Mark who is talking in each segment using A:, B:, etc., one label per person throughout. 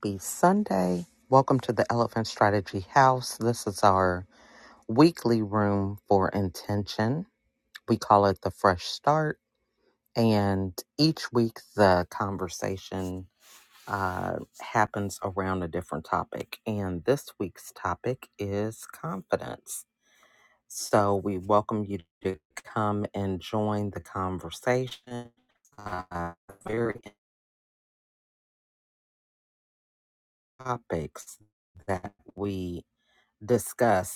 A: Happy Sunday. Welcome to the Elephant Strategy House. This is our weekly room for intention. We call it the Fresh Start. And each week, the conversation uh, happens around a different topic. And this week's topic is confidence. So we welcome you to come and join the conversation. Uh, very topics that we discuss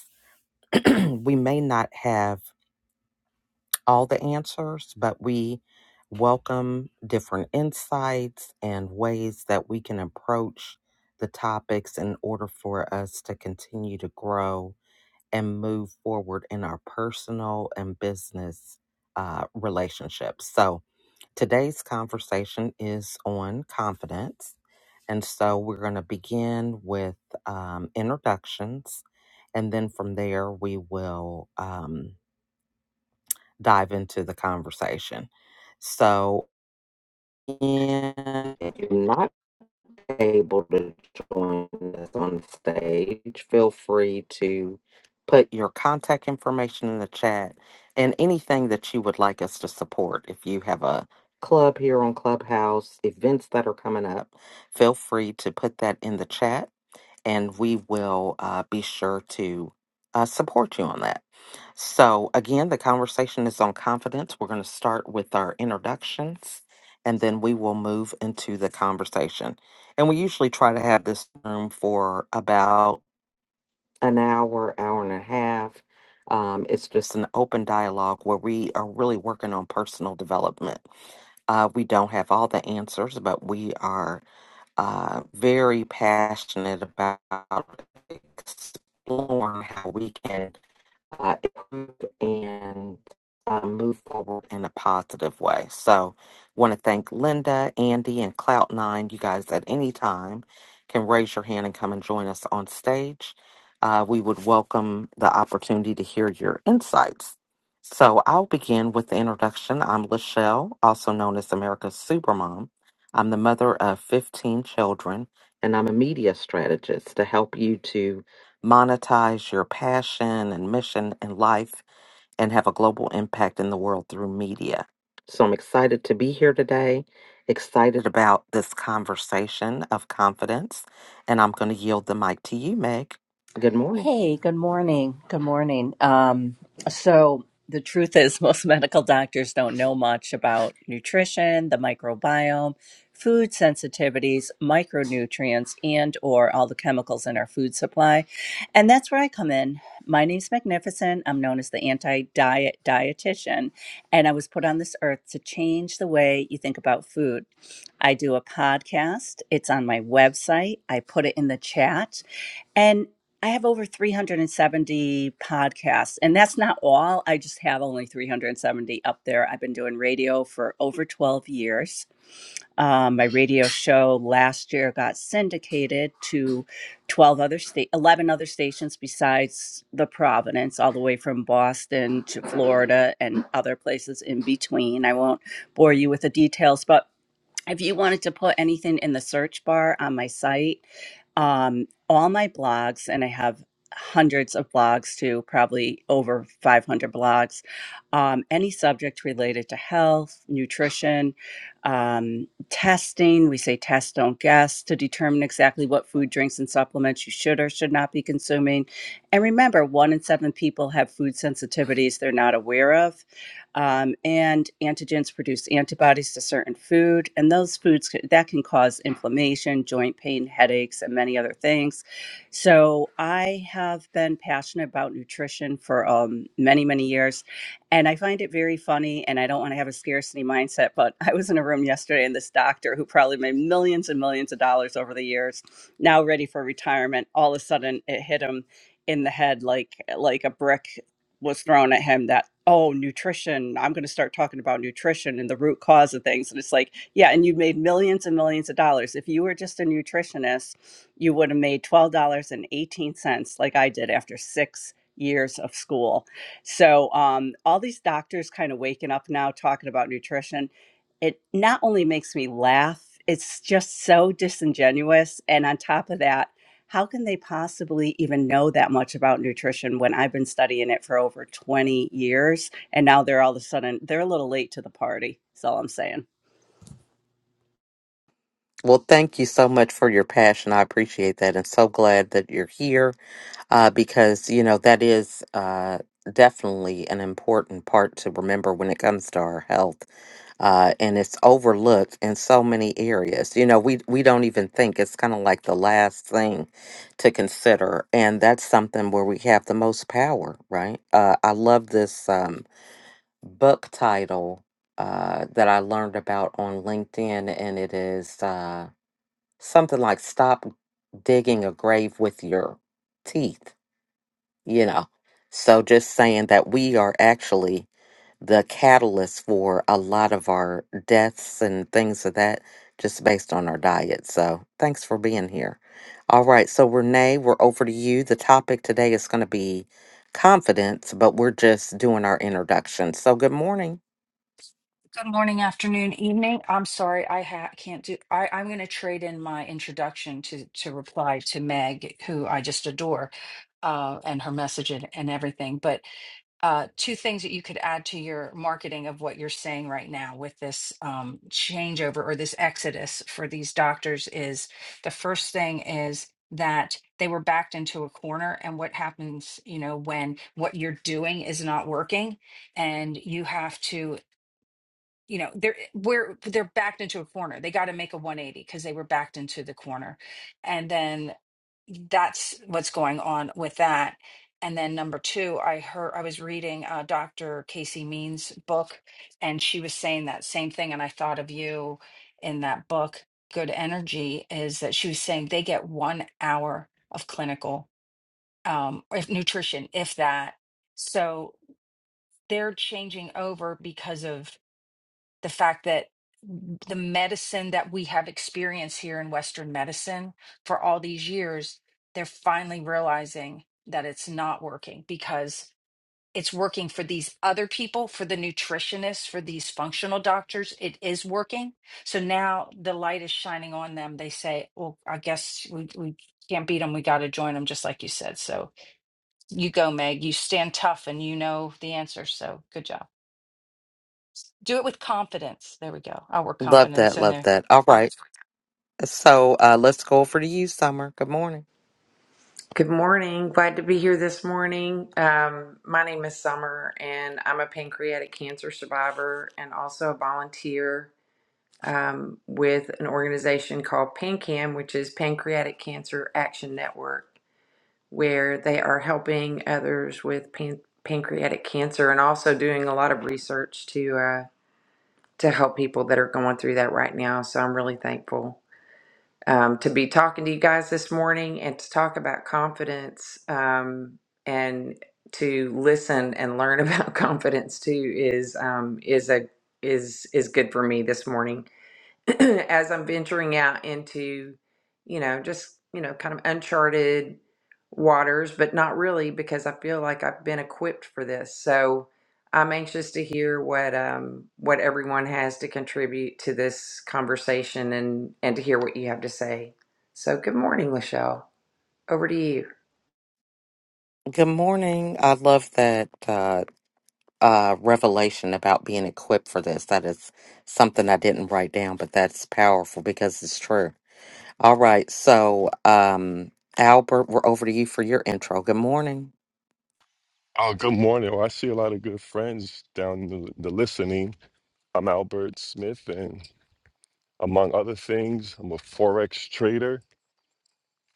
A: we may not have all the answers, but we welcome different insights and ways that we can approach the topics in order for us to continue to grow and move forward in our personal and business uh, relationships. So today's conversation is on confidence. And so we're going to begin with um, introductions. And then from there, we will. Um, dive into the conversation. So, and if you're not able to join us on stage, feel free to put your contact information in the chat and anything that you would like us to support. If you have a club here on Clubhouse, events that are coming up, feel free to put that in the chat and we will uh, be sure to uh, support you on that. So, again, the conversation is on confidence. We're going to start with our introductions and then we will move into the conversation. And we usually try to have this room for about an hour, hour and a half. Um, it's just an open dialogue where we are really working on personal development. Uh, we don't have all the answers, but we are uh, very passionate about exploring how we can uh, improve and uh, move forward in a positive way. So, want to thank Linda, Andy, and Clout 9 You guys at any time can raise your hand and come and join us on stage. Uh, we would welcome the opportunity to hear your insights. So, I'll begin with the introduction. I'm Lachelle, also known as America's Supermom. I'm the mother of 15 children, and I'm a media strategist to help you to monetize your passion and mission in life and have a global impact in the world through media. So I'm excited to be here today, excited about this conversation of confidence, and I'm going to yield the mic to you, Meg. Good morning.
B: Hey, good morning. Good morning. Um, so the truth is, most medical doctors don't know much about nutrition, the microbiome, food sensitivities, micronutrients, and or all the chemicals in our food supply. And that's where I come in. My name's Magnificent. I'm known as the anti-diet dietitian, and I was put on this earth to change the way you think about food. I do a podcast. It's on my website. I put it in the chat. and. I have over 370 podcasts, and that's not all. I just have only 370 up there. I've been doing radio for over 12 years. Um, my radio show last year got syndicated to 12 other state, 11 other stations besides the Providence, all the way from Boston to Florida and other places in between. I won't bore you with the details, but if you wanted to put anything in the search bar on my site, um, all my blogs, and I have hundreds of blogs too, probably over 500 blogs, um, any subject related to health, nutrition, um, testing. We say test, don't guess to determine exactly what food, drinks, and supplements you should or should not be consuming. And remember, one in seven people have food sensitivities they're not aware of um, and antigens produce antibodies to certain food and those foods that can cause inflammation joint pain headaches and many other things so i have been passionate about nutrition for um, many many years and i find it very funny and i don't want to have a scarcity mindset but i was in a room yesterday and this doctor who probably made millions and millions of dollars over the years now ready for retirement all of a sudden it hit him in the head like like a brick was thrown at him that oh nutrition i'm going to start talking about nutrition and the root cause of things and it's like yeah and you made millions and millions of dollars if you were just a nutritionist you would have made $12.18 like i did after six years of school so um, all these doctors kind of waking up now talking about nutrition it not only makes me laugh it's just so disingenuous and on top of that how can they possibly even know that much about nutrition when I've been studying it for over 20 years and now they're all of a sudden they're a little late to the party. That's all I'm saying.
A: Well, thank you so much for your passion. I appreciate that and so glad that you're here uh, because you know that is uh, definitely an important part to remember when it comes to our health, uh, and it's overlooked in so many areas. You know, we we don't even think it's kind of like the last thing to consider, and that's something where we have the most power, right? Uh, I love this um, book title. Uh, that I learned about on LinkedIn, and it is uh, something like "Stop Digging a Grave with Your Teeth." you know. So just saying that we are actually the catalyst for a lot of our deaths and things of that just based on our diet. So thanks for being here. All right, so Renee, we're over to you. The topic today is going to be confidence, but we're just doing our introduction. So good morning.
C: Good morning, afternoon, evening. I'm sorry, I ha can't do. I, I'm going to trade in my introduction to to reply to Meg, who I just adore, uh, and her message and, and everything. But uh, two things that you could add to your marketing of what you're saying right now with this um, changeover or this exodus for these doctors is the first thing is that they were backed into a corner and what happens you know when what you're doing is not working and you have to you know they're we're they're backed into a corner they got to make a 180 because they were backed into the corner and then that's what's going on with that and then number two i heard i was reading uh, dr casey means book and she was saying that same thing and i thought of you in that book good energy is that she was saying they get one hour of clinical um if nutrition if that so they're changing over because of the fact that the medicine that we have experienced here in Western medicine for all these years, they're finally realizing that it's not working because it's working for these other people, for the nutritionists, for these functional doctors. It is working. So now the light is shining on them. They say, well, I guess we, we can't beat them. We got to join them, just like you said. So you go, Meg. You stand tough and you know the answer. So good job. Do it with confidence. There we go. I'll work
A: Love
C: confidence
A: that,
C: in
A: love
C: there
A: that. All right. So uh, let's go over to you, Summer. Good morning.
D: Good morning. Glad to be here this morning. Um, my name is Summer, and I'm a pancreatic cancer survivor and also a volunteer um, with an organization called PanCAN, which is Pancreatic Cancer Action Network, where they are helping others with pan- pancreatic cancer and also doing a lot of research to uh, to help people that are going through that right now. So I'm really thankful um, to be talking to you guys this morning and to talk about confidence um, and to listen and learn about confidence too is um, is a is is good for me this morning. as I'm venturing out into, you know, just, you know, kind of uncharted waters, but not really because I feel like I've been equipped for this. So I'm anxious to hear what um what everyone has to contribute to this conversation and and to hear what you have to say. So good morning, Lachelle. Over to you.
A: Good morning. I love that. Uh, uh, revelation about being equipped for this. That is something I didn't write down, but that's powerful because it's true. All right. So, um, Albert, we're over to you for your intro. Good morning.
E: Oh, good morning. Well, I see a lot of good friends down the, the listening. I'm Albert Smith, and among other things, I'm a forex trader,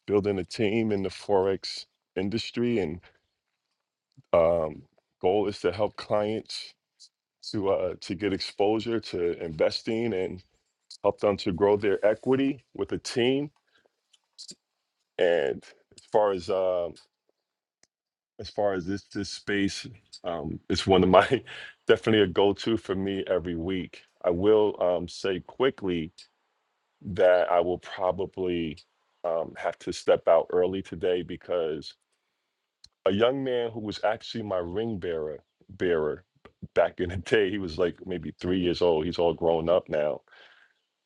E: building a team in the forex industry, and um, goal is to help clients to uh, to get exposure to investing and help them to grow their equity with a team. And as far as um, as far as this this space um it's one of my definitely a go-to for me every week i will um say quickly that i will probably um have to step out early today because a young man who was actually my ring bearer bearer back in the day he was like maybe three years old he's all grown up now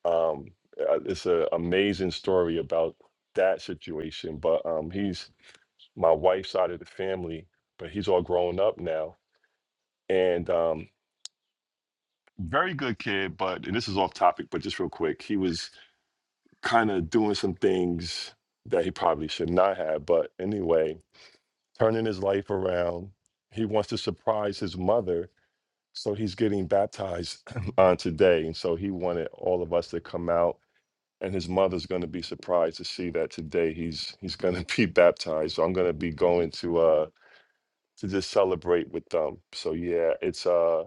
E: um uh, it's an amazing story about that situation but um he's my wife's side of the family but he's all grown up now and um, very good kid. But and this is off topic, but just real quick, he was kind of doing some things that he probably should not have. But anyway, turning his life around, he wants to surprise his mother, so he's getting baptized on today, and so he wanted all of us to come out. And his mother's going to be surprised to see that today he's he's going to be baptized. So I'm going to be going to uh to just celebrate with them. So yeah, it's uh.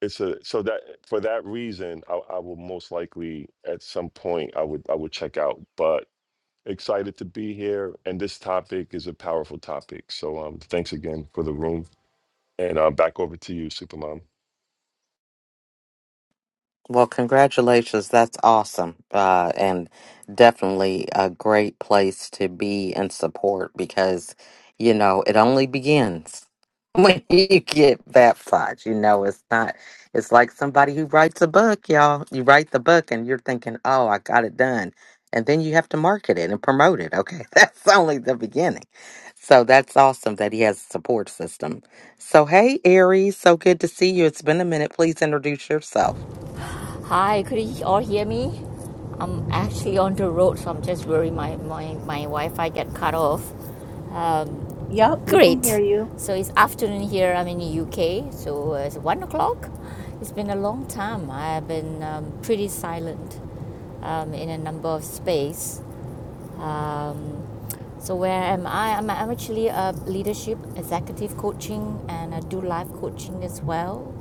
E: it's a so that for that reason I, I will most likely at some point i would i would check out but excited to be here and this topic is a powerful topic so um thanks again for the room and um back over to you supermom
A: Well, congratulations. That's awesome. Uh, and definitely a great place to be and support because, you know, it only begins when you get baptized. You know, it's not, it's like somebody who writes a book, y'all. You write the book and you're thinking, oh, I got it done. And then you have to market it and promote it. Okay. That's only the beginning. So that's awesome that he has a support system. So, hey, Aries, so good to see you. It's been a minute. Please introduce yourself.
F: Hi, could you all hear me? I'm actually on the road, so I'm just worried my, my, my Wi Fi get cut off.
B: Yep,
F: Um,
B: we can hear
F: great.
B: you.
F: So it's afternoon here. I'm in the UK, so uh, it's one o'clock. It's been a long time. I've been um, pretty silent um, in a number of space. Um, so where am I? I'm, I'm actually a leadership executive coaching and I do life coaching as well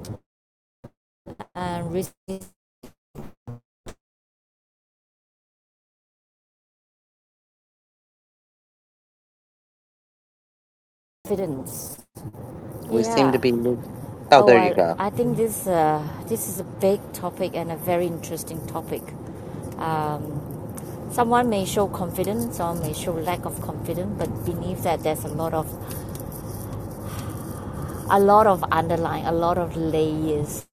F: and risk evidence.
A: We seem to
F: Yeah.
A: be. lo- Oh,
F: Oh,
A: there you
F: well,
A: go.
F: I think this uh, this is a big topic and a very interesting topic. Um, someone may show confidence, some may show lack of confidence, but beneath that, there's a lot of a lot of underlying, a lot of layers.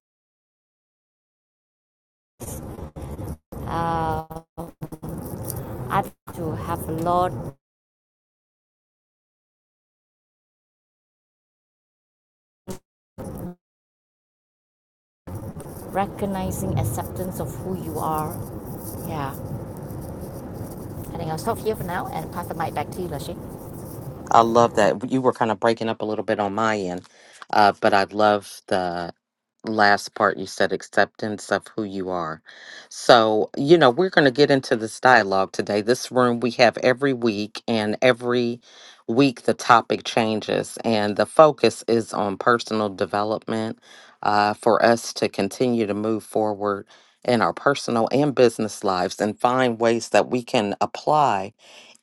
F: Uh, I think to have a lot recognizing acceptance of who you are. Yeah. I think I'll stop here for now and pass the mic back to you, Lashi.
A: I love that. You were kind of breaking up a little bit on my end, uh, but I love the last part you said acceptance of who you are. So, you know, we're going to get into this dialogue today. This room we have every week, and every week the topic changes, and the focus is on personal development uh, for us to continue to move forward in our personal and business lives and find ways that we can apply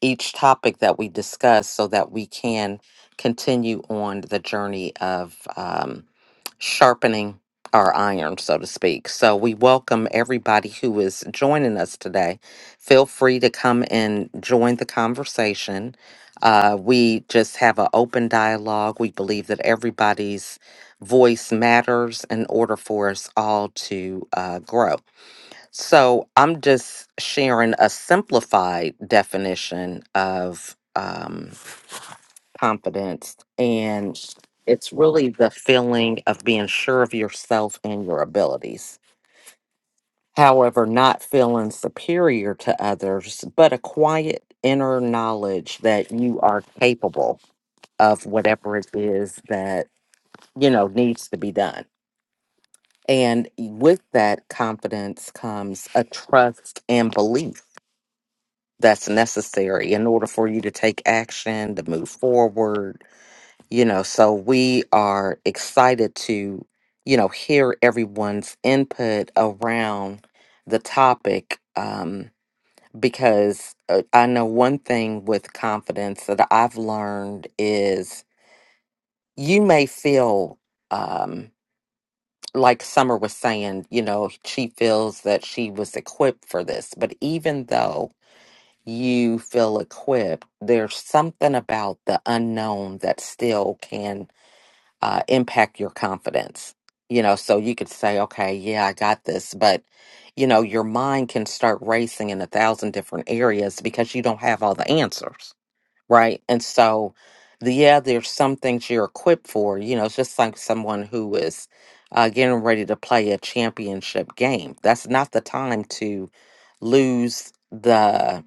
A: each topic that we discuss so that we can continue on the journey of um, sharpening our iron, so to speak. So we welcome everybody who is joining us today. Feel free to come and join the conversation. Uh, we just have an open dialogue. We believe that everybody's voice matters in order for us all to uh, grow. So I'm just sharing a simplified definition of um, confidence. And it's really the feeling of being sure of yourself and your abilities. However, not feeling superior to others, but a quiet inner knowledge that you are capable of whatever it is that, you know, needs to be done. And eh, with that confidence comes a trust and belief that's necessary in order for you to take action to move forward you know so we are excited to you know hear everyone's input around the topic um because uh, i know one thing with confidence that i've learned is you may feel um like summer was saying you know she feels that she was equipped for this but even though you feel equipped, there's something about the unknown that still can uh, impact your confidence. You know, so you could say, okay, yeah, I got this, but you know, your mind can start racing in a thousand different areas because you don't have all the answers, right? And so, the, yeah, there's some things you're equipped for. You know, it's just like someone who is uh, getting ready to play a championship game. That's not the time to lose the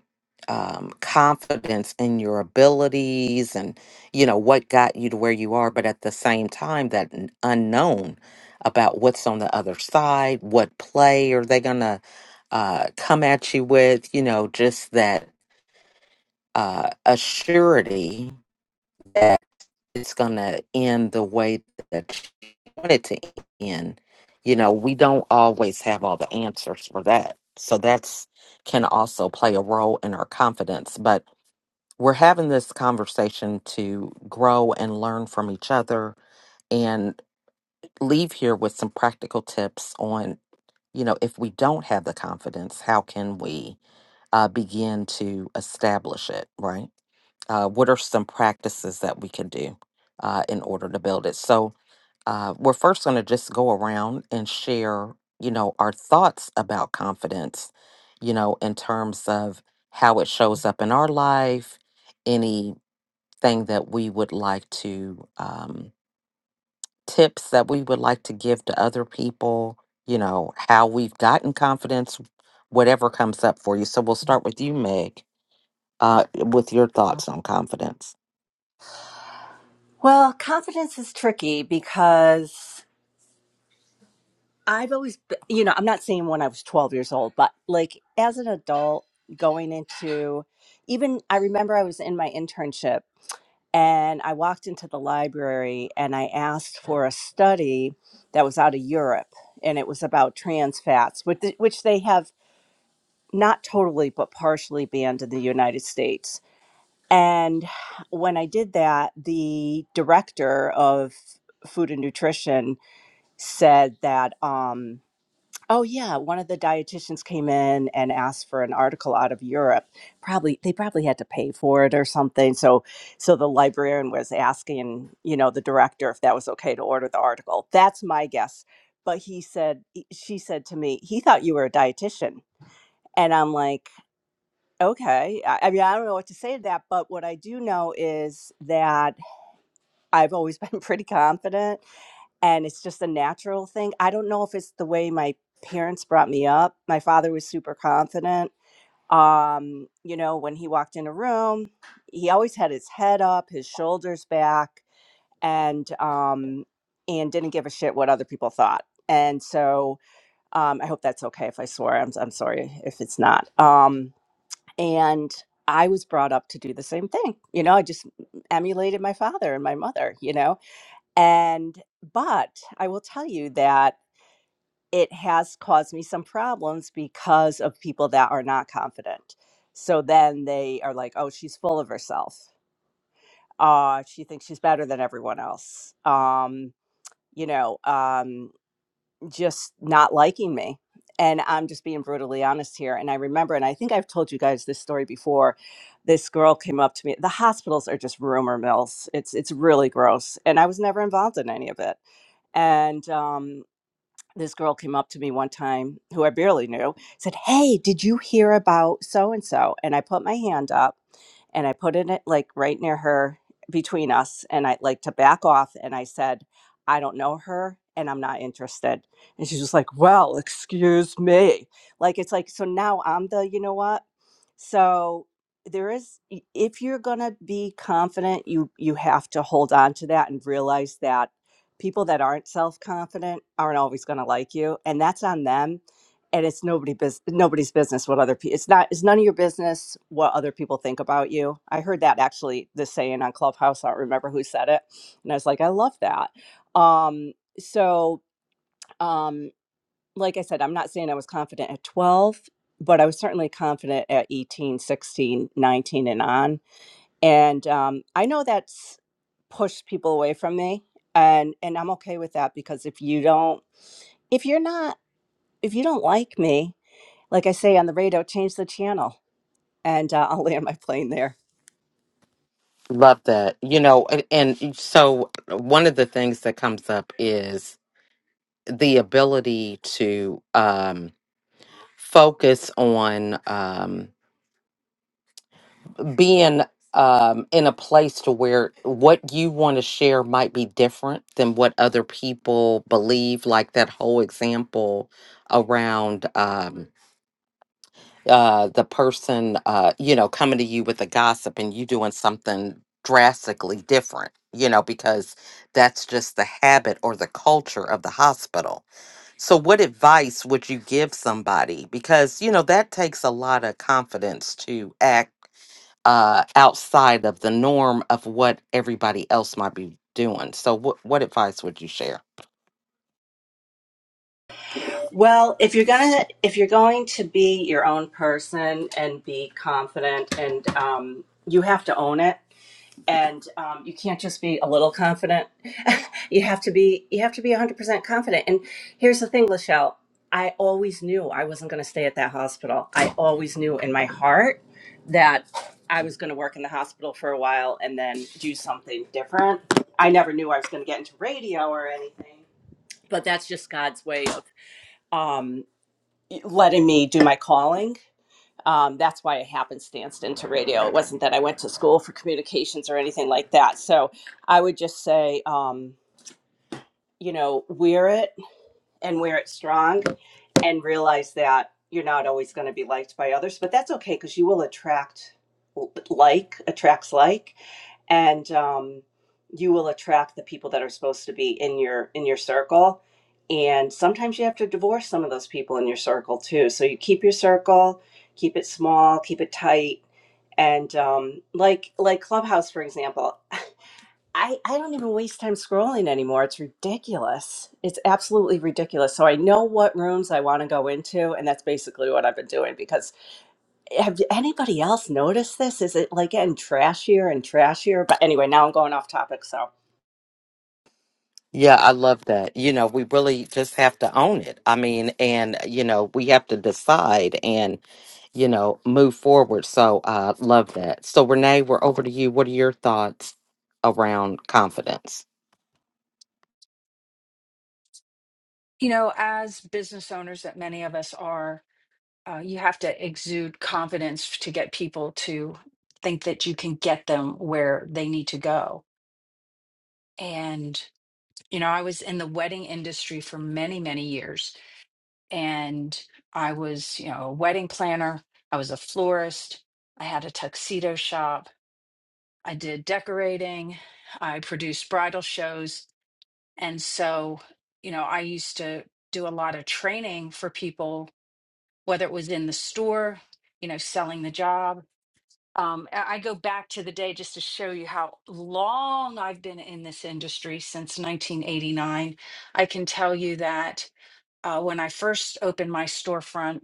A: um, confidence in your abilities and you know what got you to where you are but at the same time that n- unknown about what's on the other side what play are they gonna uh, come at you with you know just that uh, assurity it's gonna end the way that you want it to end. You know, we don't always have all the answers for that. So that's can also play a role in our confidence. But we're having this conversation to grow and learn from each other and leave here with some practical tips on, you know, if we don't have the confidence, how can we uh, begin to establish it, right? Uh, what are some practices that we can do uh, in order to build it? So, uh, we're first going to just go around and share, you know, our thoughts about confidence, you know, in terms of how it shows up in our life, anything that we would like to, um, tips that we would like to give to other people, you know, how we've gotten confidence, whatever comes up for you. So we'll start with you, Meg uh, with your thoughts on confidence.
B: Well, confidence is tricky because I've always, be- you know, I'm not saying when I was 12 years old, but like as an adult going into even, I remember I was in my internship And I walked into the library and I asked for a study that was out of Europe and it was about trans fats, which th- which they have not totally but partially banned in the United States. And when I did that, the director of food and nutrition said that um, Oh yeah, one of the dietitians came in and asked for an article out of Europe. Probably they probably had to pay for it or something. So so the librarian was asking, you know, the director if that was okay to order the article. That's my guess. But he said he- she said to me, "He thought you were a dietitian." And I'm like, "Okay. I, I mean, I don't know what to say to that, but what I do know is that I've always been pretty confident and it's just a natural thing. I don't know if it's the way my parents brought me up. My father was super confident. Um, you know, when he walked in a room, he always had his head up, his shoulders back, and um and didn't give a shit what other people thought. And so um I hope that's okay if I swear. I'm I'm sorry if it's not. Um and I was brought up to do the same thing. You know, I just emulated my father and my mother, you know and, but I will tell you that it has caused me some problems because of people that are not confident. So then they are like, oh, she's full of herself. Uh, she thinks she's better than everyone else. Um, you know, um, just not liking me. And I'm just being brutally honest here. And I remember, and I think I've told you guys this story before. This girl came up to me. The hospitals are just rumor mills. It's it's really gross. And I was never involved in any of it and um, this girl came up to me one time who I barely knew, said, Hey, did you hear about so and so? And I put my hand up and I put it at, like right near her between us. And I like to back off. And I said, I don't know her and I'm not interested. And she's just like, Well, excuse me. Like, it's like, so now I'm the, you know what? So, there is i- if you're going to be confident you you have to hold on to that and realize that people that aren't self-confident aren't always going to like you and that's on them and it's nobody bus- nobody's business what other people it's not it's none of your business what other people think about you i heard that actually the saying on clubhouse i don't remember who said it and i was like i love that um so um like i said i'm not saying i was confident at 12 but i was certainly confident at 18 16 19 and on and um, i know that's pushed people away from me and and i'm okay with that because if you don't if you're not if you don't like me like i say on the radio change the channel and uh, i'll land my plane there
A: Love that. You know, and, and so one of the things that comes up is the ability to um, focus on. Um, being um, in a place to where what you want to share might be different than what other people believe, like that whole example around um, uh, the person, uh, you know, coming to you with a gossip and you doing something drastically different, you know, because that's just the habit or the culture of the hospital. So, what advice would you give somebody? Because, you know, that takes a lot of confidence to act uh, outside of the norm of what everybody else might be doing. So, what what advice would you share?
B: Well, if you're gonna if you're going to be your own person and be confident and um, you have to own it. and um, you can't just be a little confident you have to be you have to be 100% confident and here's the thing lachelle i always knew i wasn't going to stay at that hospital i always knew in my heart that i was going to work in the hospital for a while and then do something different i never knew i was going to get into radio or anything but that's just god's way of um, letting me do my calling um, that's why I happenstanced into radio. It wasn't that I went to school for communications or anything like that. So I would just say, um, you know, wear it and where it's strong and realize that you're not always going to be liked by others but that's okay because you will attract like attracts like and um, you will attract the people that are supposed to be in your in your circle and sometimes you have to divorce some of those people in your circle too so you keep your circle keep it small keep it tight and um, like like clubhouse for example I, I don't even waste time scrolling anymore. It's ridiculous. It's absolutely ridiculous. So I know what rooms I want to go into, and that's basically what I've been doing. Because have anybody else noticed this? Is it like getting trashier and trashier? But anyway, now I'm going off topic. So.
A: Yeah, I love that. You know, we really just have to own it. I mean, and you know, we have to decide and you know move forward. So, uh, love that. So, Renee, we're over to you. What are your thoughts around confidence?
C: You know, as business owners that many of us are, uh, you have to exude confidence to get people to think that you can get them where they need to go. And, you know, I was in the wedding industry for many, many years. And I was, you know, a wedding planner, I was a florist, I had a tuxedo shop, I did decorating, I produced bridal shows. And so, you know, I used to do a lot of training for people whether it was in the store, you know, selling the job. Um, I I go back to the day just to show you how long I've been in this industry since 1989. I can tell you that uh, when I first opened my storefront,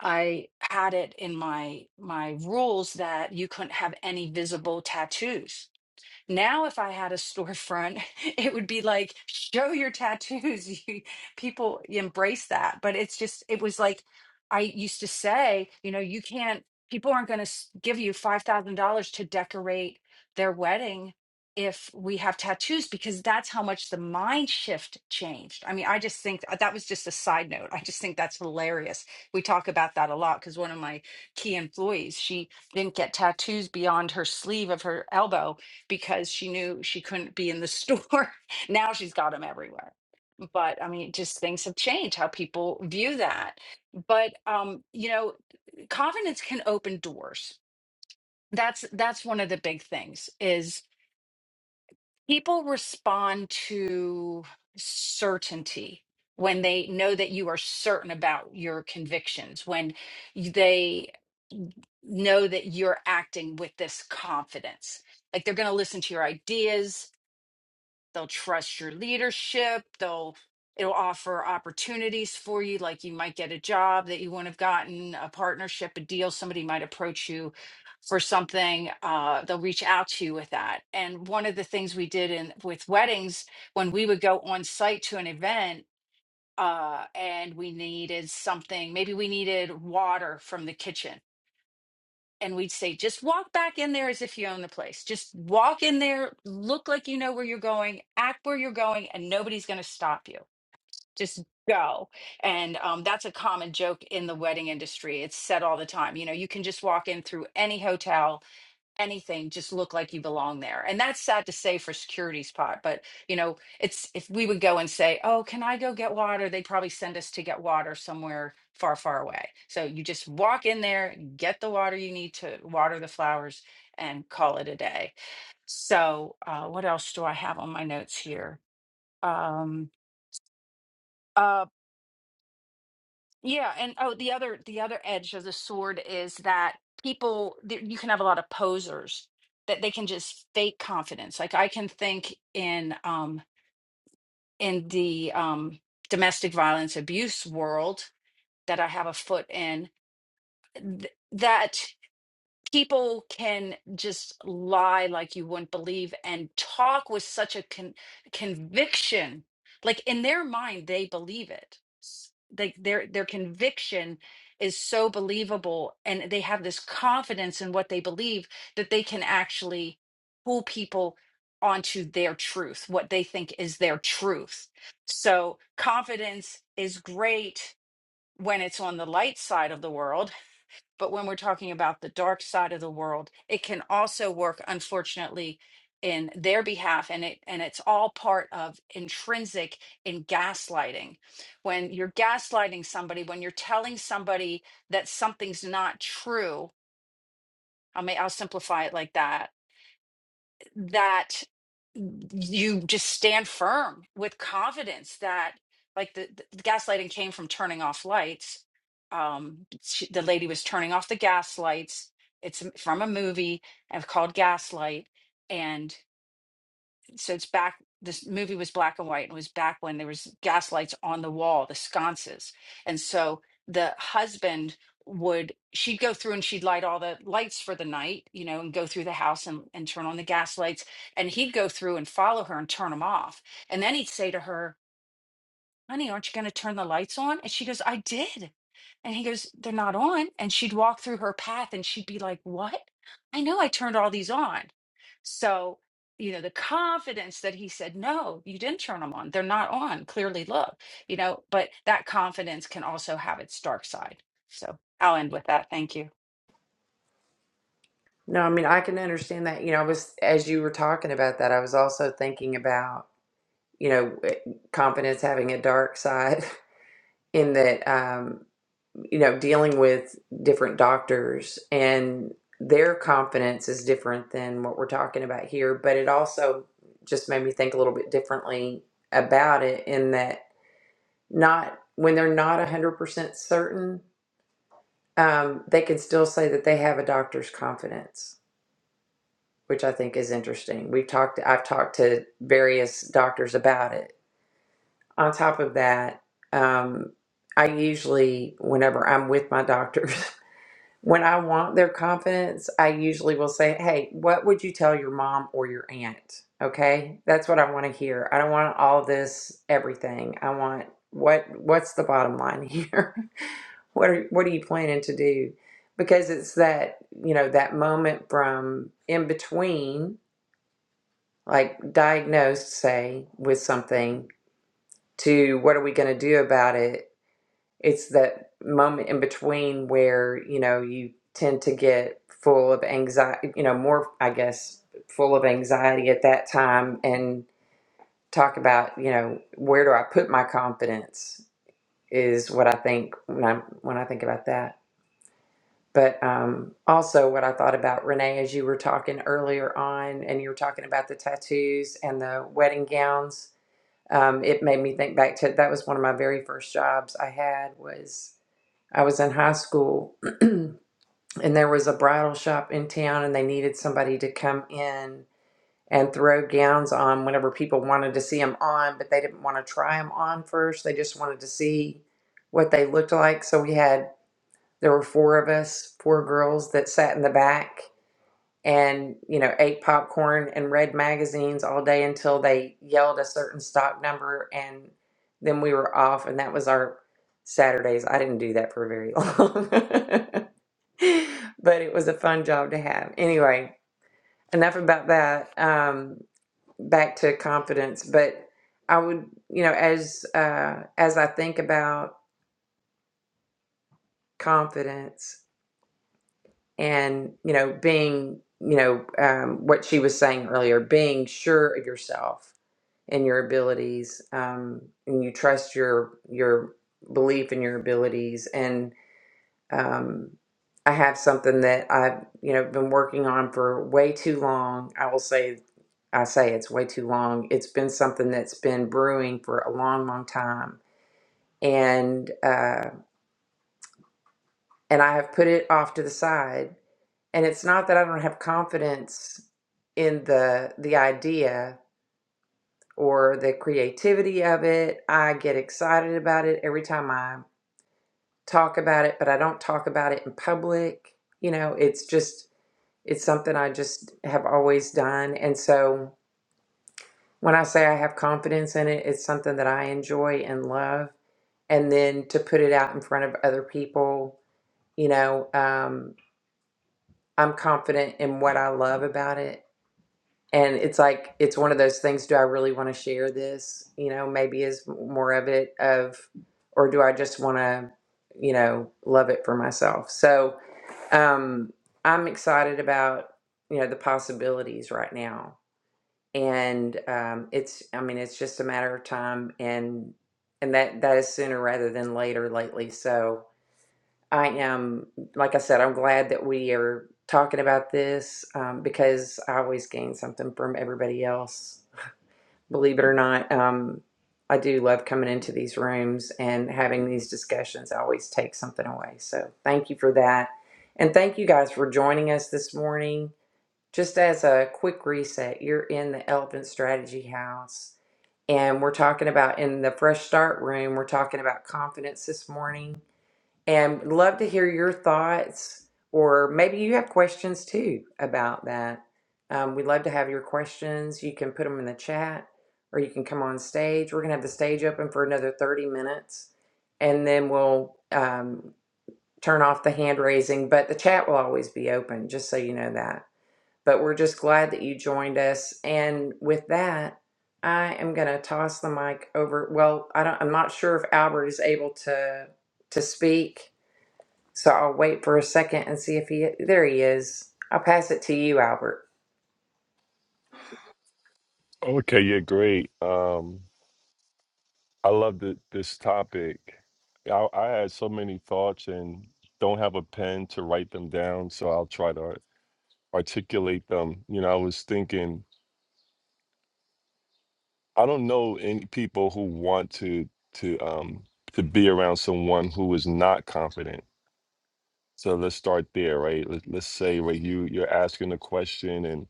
C: I had it in my my rules that you couldn't have any visible tattoos now, if I had a storefront, it would be like, show your tattoos. You- People embrace that. But it's just, it was like, I used to say, you know, you can't, people aren't going to give you $5,000 to decorate their wedding if we have tattoos, because that's how much the mind shift changed. I mean, I just think uh, that was just a side note. I just think that's hilarious. We talk about that a lot because one of my key employees, she didn't get tattoos beyond her sleeve of her elbow because she knew she couldn't be in the store. now she's got them everywhere. But I mean, just things have changed how people view that. But um, you know, confidence can open doors. That's that's one of the big things is people respond to certainty when they know that you are certain about your convictions, when they know that you're acting with this confidence. Like they're going to listen to your ideas, they'll trust your leadership they'll it'll offer opportunities for you like you might get a job that you wouldn't have gotten a partnership a deal somebody might approach you for something uh, they'll reach out to you with that and one of the things we did in with weddings when we would go on site to an event uh, and we needed something maybe we needed water from the kitchen and we'd say just walk back in there as if you own the place just walk in there look like you know where you're going act where you're going and nobody's going to stop you just go and um, that's a common joke in the wedding industry it's said all the time you know you can just walk in through any hotel anything just look like you belong there and that's sad to say for security's part but you know it's if we would go and say oh can i go get water they'd probably send us to get water somewhere far far away so you just walk in there get the water you need to water the flowers and call it a day so uh, what else do i have on my notes here um, uh, Yeah, and oh, the other the other edge of the sword is that people th- you can have a lot of posers that they can just fake confidence. Like I can think in um in the um domestic violence abuse world that I have a foot in th- that people can just lie like you wouldn't believe and talk with such a con- conviction like in their mind they believe it S- like their their conviction is so believable and they have this confidence in what they believe that they can actually pull people onto their truth what they think is their truth so confidence is great when it's on the light side of the world but when we're talking about the dark side of the world, it can also work, unfortunately, in their behalf. And it and it's all part of intrinsic in gaslighting. When you're gaslighting somebody, when you're telling somebody that something's not true, I mean, I'll simplify it like that that you just stand firm with confidence that like the, the gaslighting came from turning off lights um she, the lady was turning off the gas lights it's from a movie I've called gaslight and so it's back this movie was black and white and it was back when there was gas lights on the wall the sconces and so the husband would she'd go through and she'd light all the lights for the night you know and go through the house and, and turn on the gas lights and he'd go through and follow her and turn them off and then he'd say to her honey, aren't you going to turn the lights on? And she goes, I did. And he goes, they're not on. And she'd walk through her path and she'd be like, what? I know I turned all these on. So, you know, the confidence that he said, no, you didn't turn them on. They're not on. Clearly, look, you know, but that confidence can also have its dark side. So I'll end with that. Thank you.
D: No, I mean I can understand that. You know, I was as you were talking about that, I was also thinking about, you know, confidence having a dark side in that um you know, dealing with different doctors and their confidence is different than what we're talking about here. But it also just made me think a little bit differently about it in that not when they're not 100% certain, um, they can still say that they have a doctor's confidence, which I think is interesting. We've talked, I've talked to various doctors about it. On top of that, um, I usually, whenever I'm with my doctors. When I want their confidence, I usually will say, Hey, what would you tell your mom or your aunt? Okay. That's what I want to hear. I don't want all this everything. I want what what's the bottom line here? what are what are you planning to do? Because it's that, you know, that moment from in between, like diagnosed, say, with something to what are we gonna do about it it's that moment in between where you know you tend to get full of anxiety you know more i guess full of anxiety at that time and talk about you know where do i put my confidence is what i think when i when i think about that but um, also what i thought about renee as you were talking earlier on and you were talking about the tattoos and the wedding gowns um, it made me think back to that was one of my very first jobs i had was I was in high school and there was a bridal shop in town and they needed somebody to come in and throw gowns on whenever people wanted to see them on, but they didn't want to try them on first. They just wanted to see what they looked like. So we had, there were four of us, four girls that sat in the back and, you know, ate popcorn and read magazines all day until they yelled a certain stock number and then we were off. And that was our Saturdays. I didn't do that for very long. but it was a fun job to have. Anyway, enough about that. Um, back to confidence. But I would, you know, as uh, as I think about confidence and you know being, you know, um, what she was saying earlier, being sure of yourself and your abilities, um, and you trust your your belief in your abilities and. Um, I have something that I've you know been working on for way too long. I will say, I say it's way too long. It's been something that's been brewing for a long, long time, and uh, and I have put it off to the side. And it's not that I don't have confidence in the the idea or the creativity of it. I get excited about it every time I talk about it, but I don't talk about it in public. You know, it's just It's something I just have always done. And so when I say I have confidence in it, it's something that I enjoy and love. And then to put it out in front of other people, you know, um, I'm confident in what I love about it. And it's like, it's one of those things do I really want to share this? You know, maybe is more of it of, or do I just want to, you know, love it for myself? So um, I'm excited about, you know, the possibilities right now and um, it's i mean it's just a matter of time and and that that is sooner rather than later lately so i am like i said i'm glad that we are talking about this um, because i always gain something from everybody else believe it or not um, i do love coming into these rooms and having these discussions i always take something away so thank you for that and thank you guys for joining us this morning just as a quick reset, you're in the Elephant Strategy House, and we're talking about in the Fresh Start Room, we're talking about confidence this morning. And love to hear your thoughts, or maybe you have questions too about that. Um, we'd love to have your questions. You can put them in the chat, or you can come on stage. We're going to have the stage open for another 30 minutes, and then we'll um, turn off the hand raising, but the chat will always be open, just so you know that but we're just glad that you joined us. And with that, I am going to toss the mic over. Well, I don't, I'm not sure if Albert is able to to speak, so I'll wait for a second and see if he. There he is. I'll pass it to you, Albert.
E: okay yeah great um i love the, this topic I, I had so many thoughts and don't have a pen to write them down so i'll try to articulate them you know i was thinking I don't know any people who want to to um to be around someone who is not confident. So let's start there, right? Let, let's say right you you're asking a question and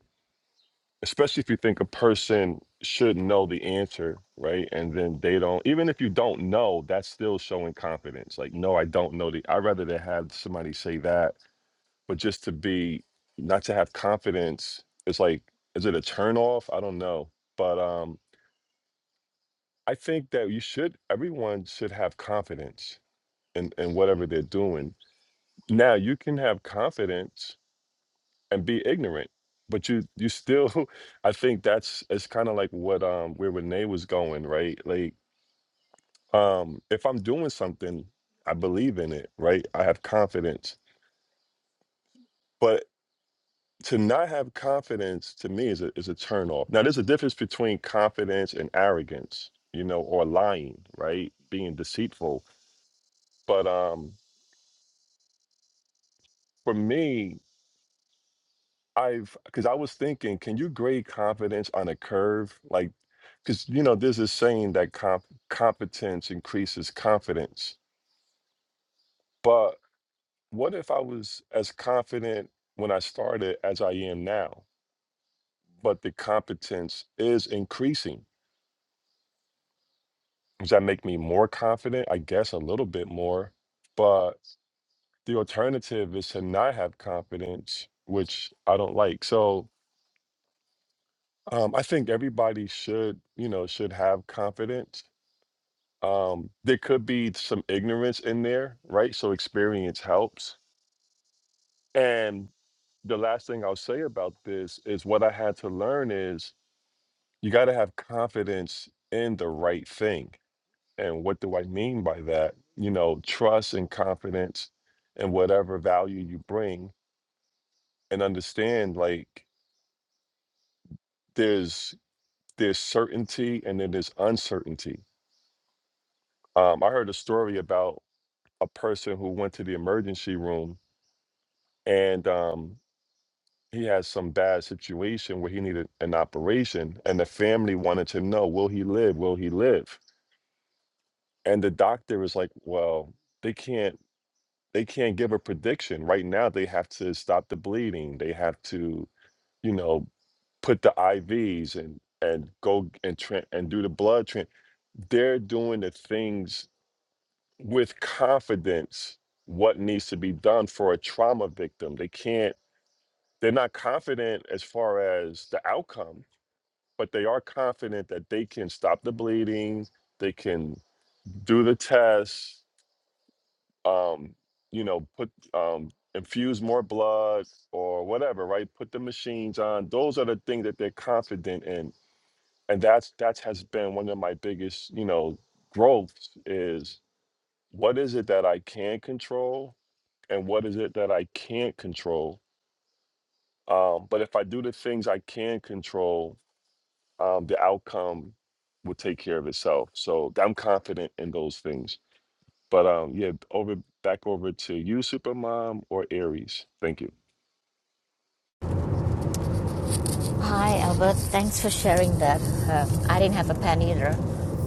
E: especially if you think a person should know the answer, right? And then they don't even if you don't know, that's still showing confidence. Like no, I don't know the I'd rather to have somebody say that, but just to be not to have confidence, it's like is it a turn off? I don't know. But um I think that you should, everyone should have confidence in, in whatever they're doing. Now, you can have confidence and be ignorant, but you, you still, I think that's, it's kind of like what, um, where Renee was going, right? Like, um, if I'm doing something, I believe in it, right? I have confidence, but to not have confidence to me is a, is a turn off. Now, there's a difference between confidence and arrogance, you know, or lying, right? Being deceitful. But, um, for me, I've because I was thinking, can you grade confidence on a curve? Like, because you know, there's this saying that comp- competence increases confidence. But what if I was as confident when I started as I am now, but the competence is increasing? Does that make me more confident? I guess a little bit more. But the alternative is to not have confidence, which I don't like. So Um, I think everybody should, you know, should have confidence. Um, there could be some ignorance in there, right? So experience helps. And the last thing I'll say about this is what I had to learn is you got to have confidence in the right thing. And what do I mean by that? You know, trust and confidence and whatever value you bring and understand like there's there's certainty and then there's uncertainty. Um, I heard a story about a person who went to the emergency room and um, he had some bad situation where he needed an operation and the family wanted to know will he live will he live and the doctor was like well they can't they can't give a prediction right now they have to stop the bleeding they have to you know put the ivs and and go and tra- and do the blood tran they're doing the things with confidence what needs to be done for a trauma victim they can't they're not confident as far as the outcome, but they are confident that they can stop the bleeding, they can do the tests, um, you know, put um, infuse more blood or whatever, right? Put the machines on. Those are the things that they're confident in, and that's that has been one of my biggest, you know, growths is what is it that I can control and what is it that I can't control. Um, but if I do the things I can control, um, the outcome will take care of itself. So th- I'm confident in those things. But um, yeah, over back over to you, Supermom or Aries. Thank you.
F: Hi, Albert. Thanks for sharing that. Um, I didn't have a pen either,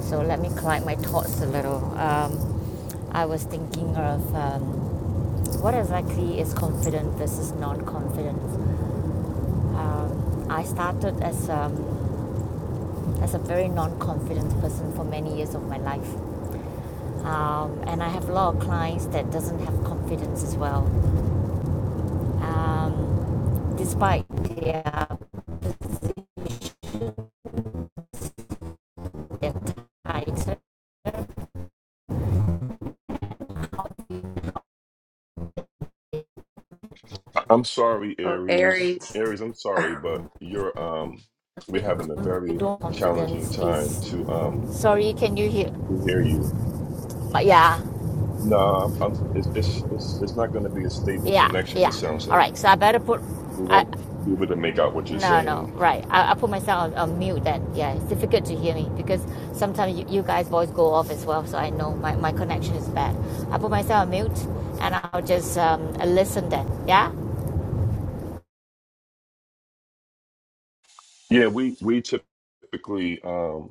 F: so let me collect my thoughts a little. Um, I was thinking of um, what exactly is confident versus non-confident. Um, I started as um, as a very non-confident person for many years of my life, um, and I have a lot of clients that doesn't have confidence as well, um, despite their their tight
E: I- I'm sorry,
D: Oh,
E: Aries.
D: Aries.
E: Aries, I'm sorry, but you're um we're having a very
F: door
E: challenging
F: confidence
E: time
F: is
E: to um
F: sorry can you hear
E: to hear you.
F: yeah
E: No, I'm, I'm it's it's it's it's not going to be a stable
F: yeah
E: connection.
F: yeah
E: It sounds
F: all right so
E: like
F: i better put
E: we
F: i
E: won't be able to make out what you're
F: no no
E: saying.
F: right i, I put myself on, on mute then yeah it's difficult to hear me because sometimes you, you guys voice go off as well so i know my, my connection is bad i put myself on mute and i'll just um, listen then yeah
E: Yeah, we we typically. um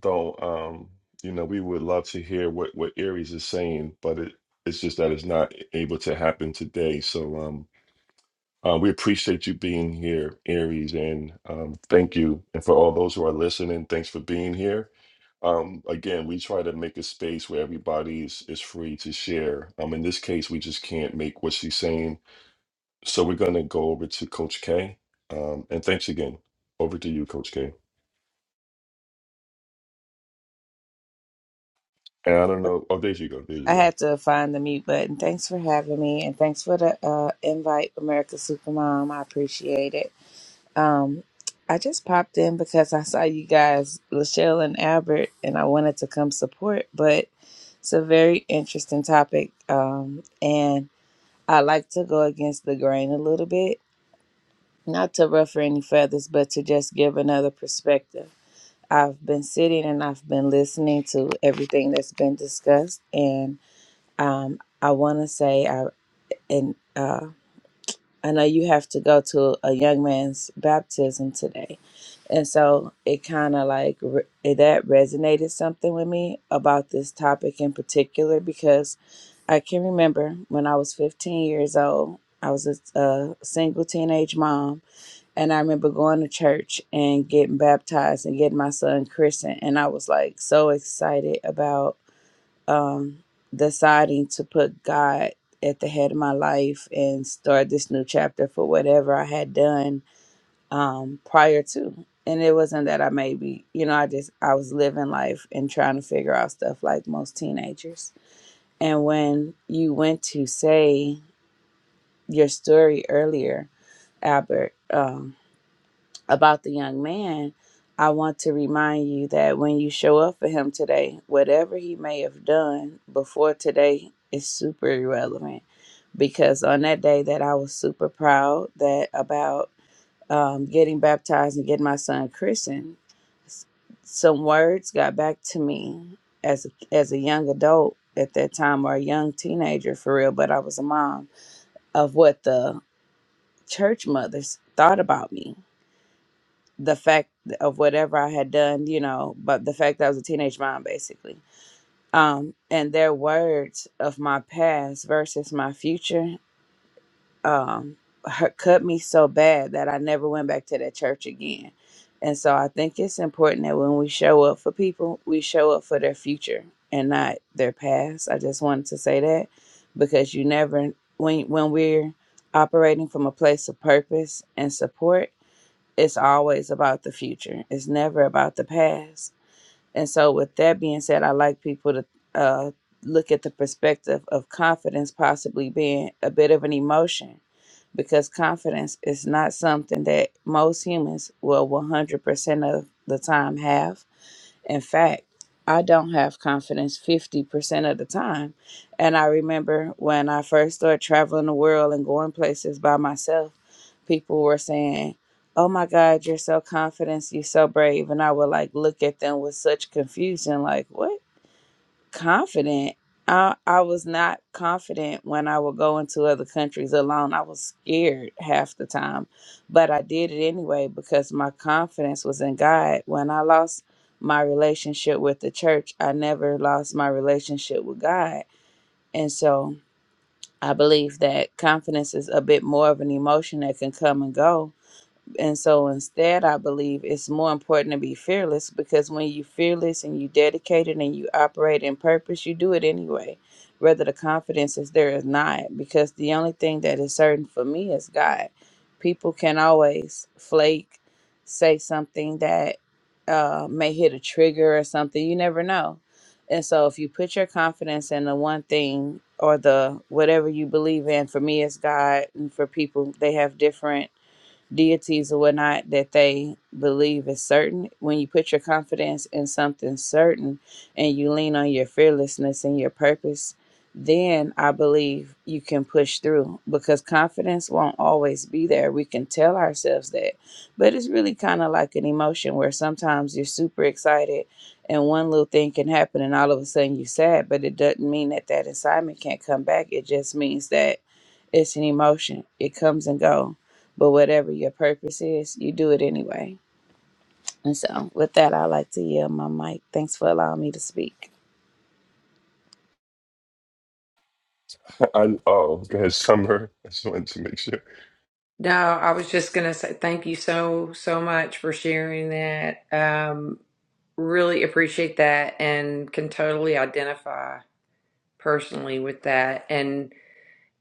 E: though um you know we would love to hear what what Aries is saying but it it's just that it's not able to happen today so um uh, we appreciate you being here Aries and um thank you and for all those who are listening thanks for being here um again we try to make a space where everybody is, is free to share um in this case we just can't make what she's saying so we're going to go over to Coach K um and thanks again over to you Coach K and I don't know oh there you go there you
G: I
E: go
G: had to find the mute button. Thanks for having me, and thanks for the uh, invite, America Supermom. I appreciate it. Um, I just popped in because I saw you guys, Lachelle and Albert, and I wanted to come support. But it's a very interesting topic, um, and I like to go against the grain a little bit, not to ruffle any feathers, but to just give another perspective. I've been sitting and I've been listening to everything that's been discussed, and um, I want to say and uh, I know you have to go to a young man's baptism today, and so it kind of like re- that resonated something with me about this topic in particular because I can remember when I was 15 years old, I was a, a single teenage mom, and I remember going to church and getting baptized and getting my son christened, and I was like so excited about um, deciding to put God at the head of my life and start this new chapter for whatever I had done um, prior to. And it wasn't that I maybe, you know, I just, I was living life and trying to figure out stuff like most teenagers. And when you went to say your story earlier, Albert. um, about the young man, I want to remind you that when you show up for him today, whatever he may have done before today is super irrelevant. Because on that day that I was super proud that about um, getting baptized and getting my son christened, s- some words got back to me as a, as a young adult at that time or a young teenager for real, but I was a mom of what the church mothers thought about me the fact of whatever I had done, you know, but the fact that I was a teenage mom, basically. Um, and their words of my past versus my future um, hurt, cut me so bad that I never went back to that church again. And so I think it's important that when we show up for people, we show up for their future and not their past. I just wanted to say that because you never, when, when we're operating from a place of purpose and support, it's always about the future. It's never about the past. And so, with that being said, I like people to uh, look at the perspective of confidence possibly being a bit of an emotion because confidence is not something that most humans will 100% of the time have in fact, I don't have confidence 50% of the time. And I remember when I first started traveling the world and going places by myself, people were saying, Oh my God, you're so confident, you're so brave. And I would like look at them with such confusion, like, what? confident. I, I was not confident when I would go into other countries alone. I was scared half the time, but I did it anyway because my confidence was in God. When I lost my relationship with the church, I never lost my relationship with God. And so I believe that confidence is a bit more of an emotion that can come and go and so instead, I believe it's more important to be fearless because when you're fearless and you dedicated and you operate in purpose, you do it anyway, whether the confidence is there or not. Because the only thing that is certain for me is God. People can always flake, say something that uh, may hit a trigger or something. You never know. And so if you put your confidence in the one thing or the whatever you believe in, for me, it's God. And for people, they have different deities or whatnot that they believe is certain. When you put your confidence in something certain and you lean on your fearlessness and your purpose, then I believe you can push through because confidence won't always be there. We can tell ourselves that, but it's really kind of like an emotion where sometimes you're super excited and one little thing can happen and all of a sudden you're sad, but it doesn't mean that that excitement can't come back. It just means that it's an emotion, it comes and goes but whatever your purpose is, you do it anyway. And so, with that, I like to yield my mic. Thanks for allowing me to speak.
E: I oh, go ahead, Summer. I just wanted to make sure.
D: No, I was just going to say thank you so so much for sharing that. Um, really appreciate that, and can totally identify personally with that. And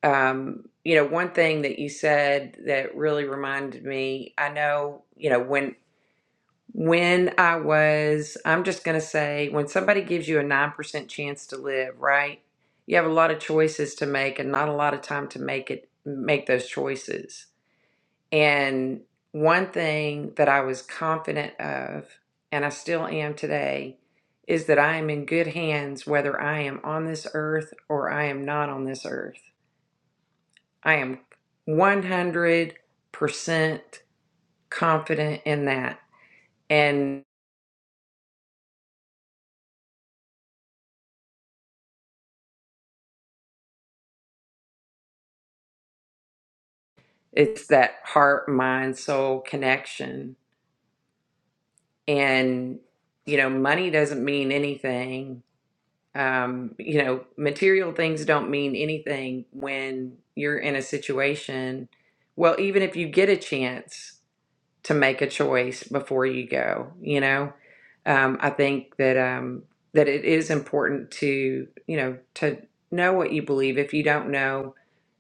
D: um, you know, one thing that you said that really reminded me, I know, you know, when when I was, I'm just going to say when somebody gives you a 9% chance to live, right? You have a lot of choices to make and not a lot of time to make it make those choices. And one thing that I was confident of and I still am today is that I am in good hands whether I am on this earth or I am not on this earth I am 100% confident in that. And it's that heart, mind, soul connection. And, you know, money doesn't mean anything. Um, you know, material things don't mean anything when you're in a situation. Well, even if you get a chance to make a choice before you go. You know, um, I think that um, that it is important to you know to know what you believe. If you don't know,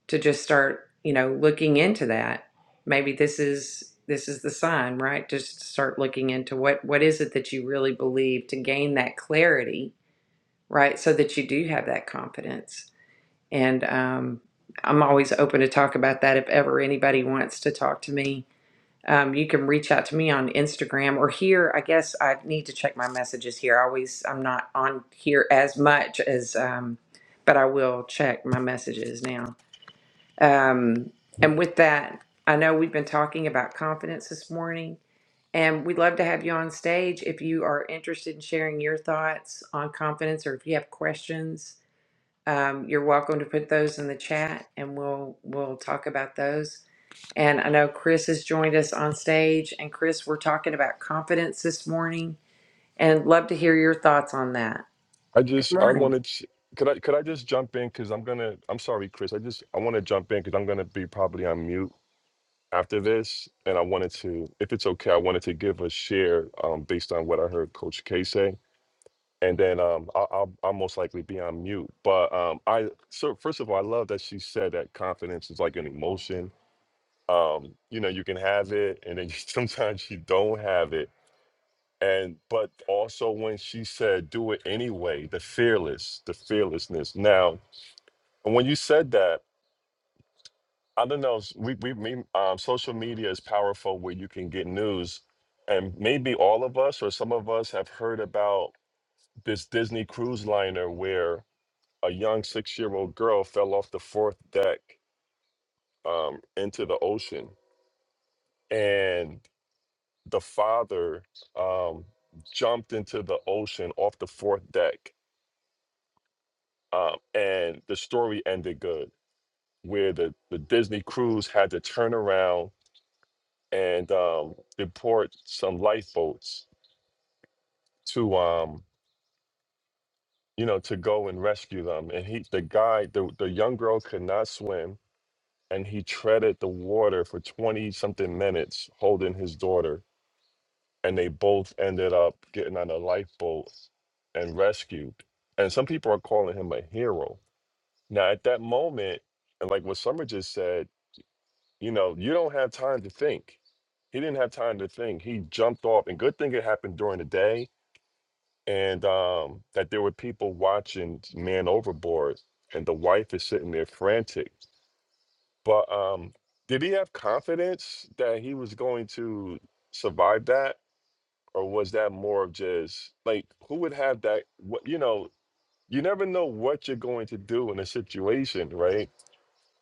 D: to just start you know looking into that. Maybe this is this is the sign, right? Just start looking into what what is it that you really believe to gain that clarity, right? So that you do have that confidence. And um, I'm always open to talk about that if ever anybody wants to talk to me um, you can reach out to me on Instagram or here. I guess I need to check my messages here. I always, I'm not on here as much as, um, but I will check my messages now. Um, and with that, I know we've been talking about confidence this morning, and we'd love to have you on stage if you are interested in sharing your thoughts on confidence or if you have questions um, you're welcome to put those in the chat and we'll we'll talk about those. And I know Chris has joined us on stage and Chris, we're talking about confidence this morning and love to hear your thoughts on that.
E: I
D: Good
E: just I
D: morning.
E: wanted to, could I could I just jump in because I'm gonna I'm sorry, Chris. I just I want to jump in because I'm gonna be probably on mute after this, and I wanted to, if it's okay, I wanted to give a share um based on what I heard Coach K say, and then um I'll I'll, I'll most likely be on mute. But um I so first of all, I love that she said that confidence is like an emotion. Um, you know, you can have it, and then sometimes you don't have it and but also when she said do it anyway the fearless the fearlessness now and when you said that i don't know s- we, we me, um, social media is powerful where you can get news and maybe all of us or some of us have heard about this disney cruise liner where a young six-year-old girl fell off the fourth deck um, into the ocean and the father um, jumped into the ocean off the fourth deck um, and the story ended good, where the, the Disney crews had to turn around and um, deport some lifeboats to, um, you know, to go and rescue them. And he, the guy, the, the young girl could not swim, and he treaded the water for twenty something minutes holding his daughter, and they both ended up getting on a lifeboat and rescued. And some people are calling him a hero. Now, at that moment, and like what Summer just said. You know, you don't have time to think. He didn't have time to think. He jumped off, and good thing it happened during the day, and um, that there were people watching Man Overboard, and the wife is sitting there frantic. But um, did he have confidence that he was going to survive that, or was that more of just like who would have that? What you know, you never know what you're going to do in a situation, right?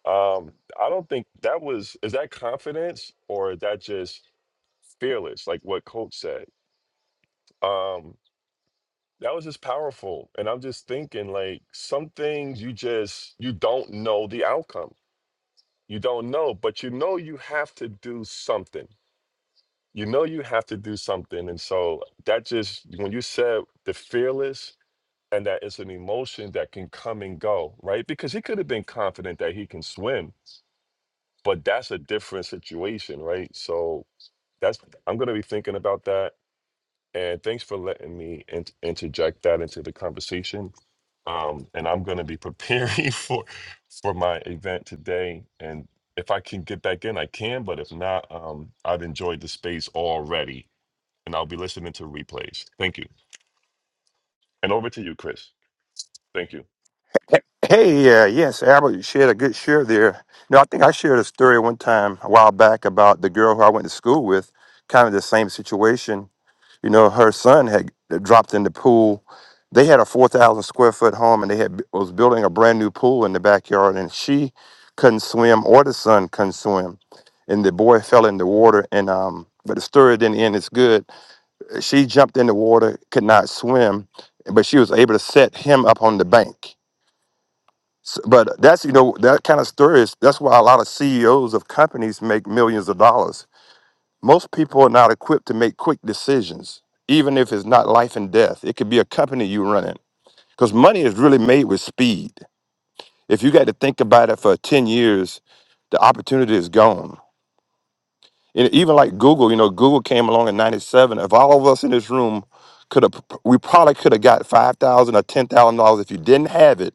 E: Um, I don't think that was is that confidence or is that just fearless, like what Coach said. Um, that was just powerful. And I'm just thinking, like, some things you just you don't know the outcome. You don't know, but you know you have to do something. You know you have to do something. And so that just when you said the fearless and that it's an emotion that can come and go, right? Because he could have been confident that he can swim, but that's a different situation, right? So that's I'm gonna be thinking about that And thanks for letting me in- interject that into the conversation. Um, and I'm going to be preparing for for my event today. And if I can get back in, I can. But if not, um, I've enjoyed the space already, and I'll be listening to replays. Thank you. And over to you, Chris. Thank you.
H: Hey, uh, yes, Albert shared a good share there. No, I think I shared a story one time a while back about the girl who I went to school with, kind of the same situation. You know, her son had dropped in the pool. They had a 4,000 square foot home and they had was building a brand new pool in the backyard and she couldn't swim or the son couldn't swim. And the boy fell in the water and um but the story didn't end as good. She jumped in the water, could not swim, but she was able to set him up on the bank so, but that's you know that kind of story is that's why a lot of CEOs of companies make millions of dollars. Most people are not equipped to make quick decisions, even if it's not life and death. It could be a company you run in because money is really made with speed. If you got to think about it for ten years, the opportunity is gone. And even like Google, you know, Google came along in '97. If all of us in this room could have, we probably could have got five thousand or ten thousand dollars if you didn't have it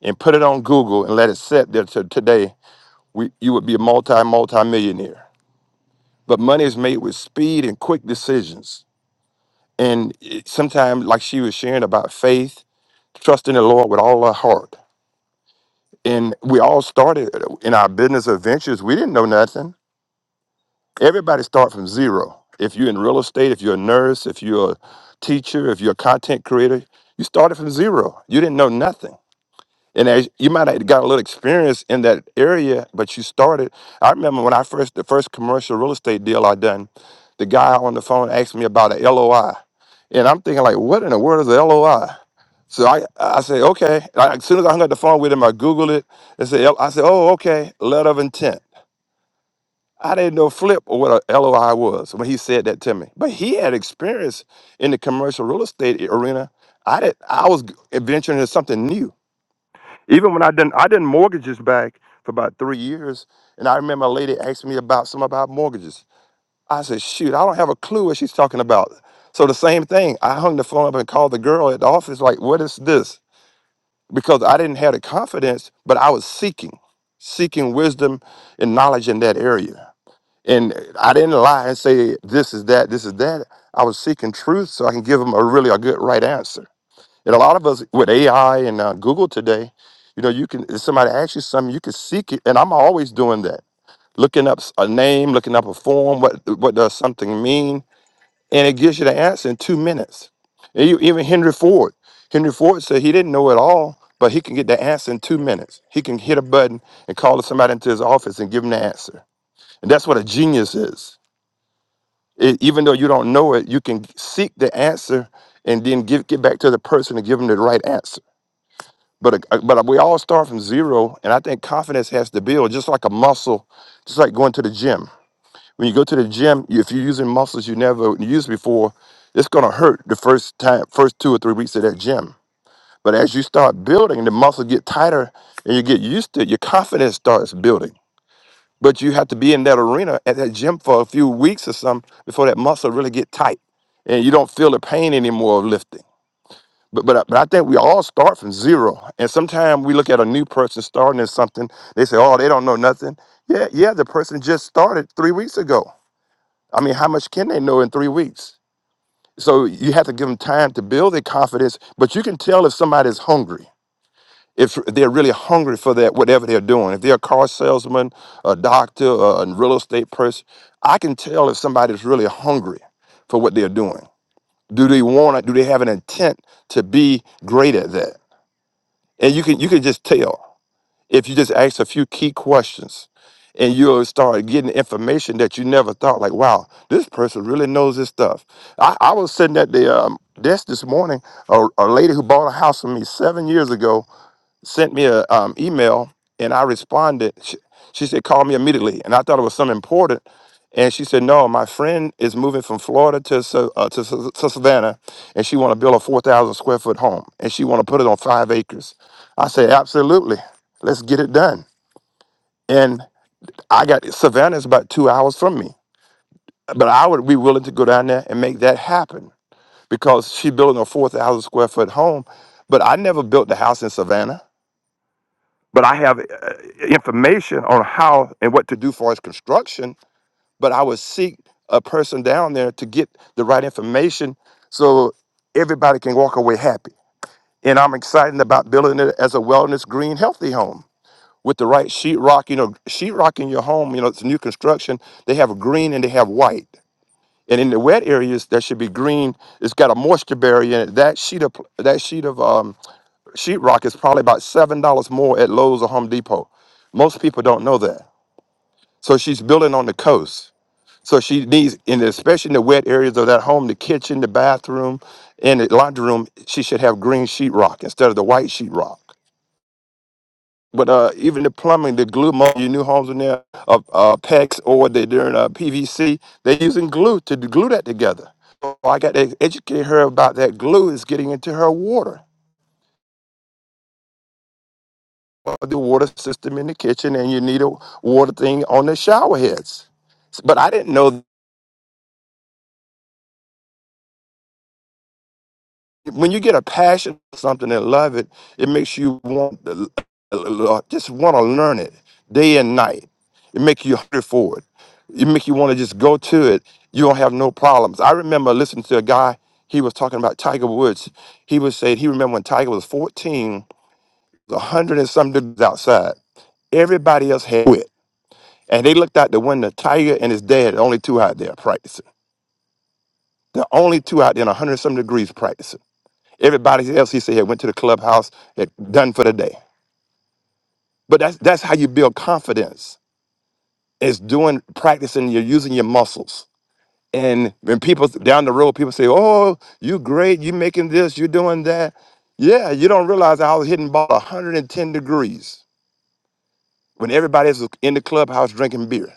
H: and put it on Google and let it sit there to today we, you would be a multi multi millionaire. But money is made with speed and quick decisions. And sometimes, like she was sharing about faith, trusting the Lord with all our heart. And we all started uh, in our business adventures. We didn't know nothing. Everybody start from zero. If you're in real estate, if you're a nurse, if you're a teacher, if you're a content creator, you started from zero. You didn't know nothing and as you might have got a little experience in that area, but you started. I remember when I first the first commercial real estate deal I done, the guy on the phone asked me about a LOI, and I'm thinking like, what in the world is a LOI? So I I said okay. I, as soon as I hung up the phone with him, I googled it. and said L-" I said oh okay, letter of intent. I didn't know flip or what a LOI was when he said that to me, but he had experience in the commercial real estate arena. I did. I was venturing into something new even when I done I done mortgages back for about three years, and I remember a lady asked me about some about mortgages. I said, shoot, I don't have a clue what she's talking about. So the same thing, I hung the phone up and called the girl at the office, like, what is this? Because I didn't have the confidence, but I was seeking, seeking wisdom and knowledge in that area. And I didn't lie and say this is that, this is that. I was seeking truth so I can give them a really a good right answer. And a lot of us with AI and uh, Google today, you know, you can if somebody asks you something, you can seek it, and I'm always doing that, looking up s- a name, looking up a form, what what does something mean, and it gives you the answer in two minutes. And you, even Henry Ford, Henry Ford said he didn't know it all, but he can get the answer in two minutes. He can hit a button and call somebody into his office and give him the answer, and that's what a genius is. It, even though you don't know it, you can seek the answer and then give, get back to the person and give them the right answer but uh, but we all start from zero and i think confidence has to build just like a muscle just like going to the gym when you go to the gym you- if you're using muscles you never used before it's going to hurt the first time first two or three weeks of that gym but as you start building the muscles get tighter and you get used to it your confidence starts building but you have to be in that arena at that gym for a few weeks or something before that muscle really get tight and you don't feel the pain anymore of lifting but, but, I- but I think we all start from zero. And sometimes we look at a new person starting at something, they say, oh, they don't know nothing. Yeah, yeah, the person just started three weeks ago. I mean, how much can they know in three weeks? So you have to give them time to build their confidence, but you can tell if somebody's hungry, if they're really hungry for that, whatever they're doing. If they're a car salesman, a doctor, a real estate person, I can tell if somebody's really hungry for what they're doing. Do they want it? Do they have an intent to be great at that? and you can you can just tell if you just ask a few key questions and you'll start getting information that you never thought like wow this person really knows this stuff i, I was sitting at the um, desk this morning a, a lady who bought a house from me seven years ago sent me a um, email and I responded. She, she said, call me immediately. And I thought it was something important. And she said, no, my friend is moving from Florida to, Sa- uh, to, Sa- to Savannah and she want to build a 4,000 square foot home and she want to put it on five acres. I said, absolutely. Let's get it done. And I got Savannah is about two hours from me, but I would be willing to go down there and make that happen because she building a 4,000 square foot home. But I never built the house in Savannah. but I have uh, information on how and what to do for its construction. But I would seek a person down there to get the right information so everybody can walk away happy. And I'm excited about building it as a wellness, green, healthy home with the right sheetrock. You know, sheetrock in your home, you know, it's new construction. They have green and they have white. And in the wet areas, there should be green. It's got a moisture barrier in it. That sheet of pl- that sheet of um, sheetrock is probably about seven dollars more at Lowe's or Home Depot. Most people don't know that. So she's building on the coast. So she needs, and especially in the wet areas of that home, the kitchen, the bathroom, and the laundry room, she should have green sheetrock instead of the white sheetrock. But uh, even the plumbing, the glue, most of your new homes in there, uh, uh, PEX or they, they're doing uh, PVC, they're using glue to glue that together. So I got to educate her about that glue is getting into her water Well, the water system in the kitchen and you need a water thing on the shower heads. But I didn't know when you get a passion for something and love it, it makes you want to, just want to learn it day and night. It makes you hungry for it. It makes you want to just go to it. You don't have no problems. I remember listening to a guy, he was talking about Tiger Woods. He was saying he remember when Tiger was 14, a 100 and some degrees outside. Everybody else had quit. And they looked out the window, Tiger and his dad, the only two out there practicing. The only two out there in 100 some degrees practicing. Everybody else, he said, had went to the clubhouse, had done for the day. But that's, that's how you build confidence. It's doing, practicing, you're using your muscles. And when people down the road, people say, oh, you great, you making this, you doing that. Yeah, you don't realize I was hitting ball 110 degrees when everybody else was in the clubhouse drinking beer.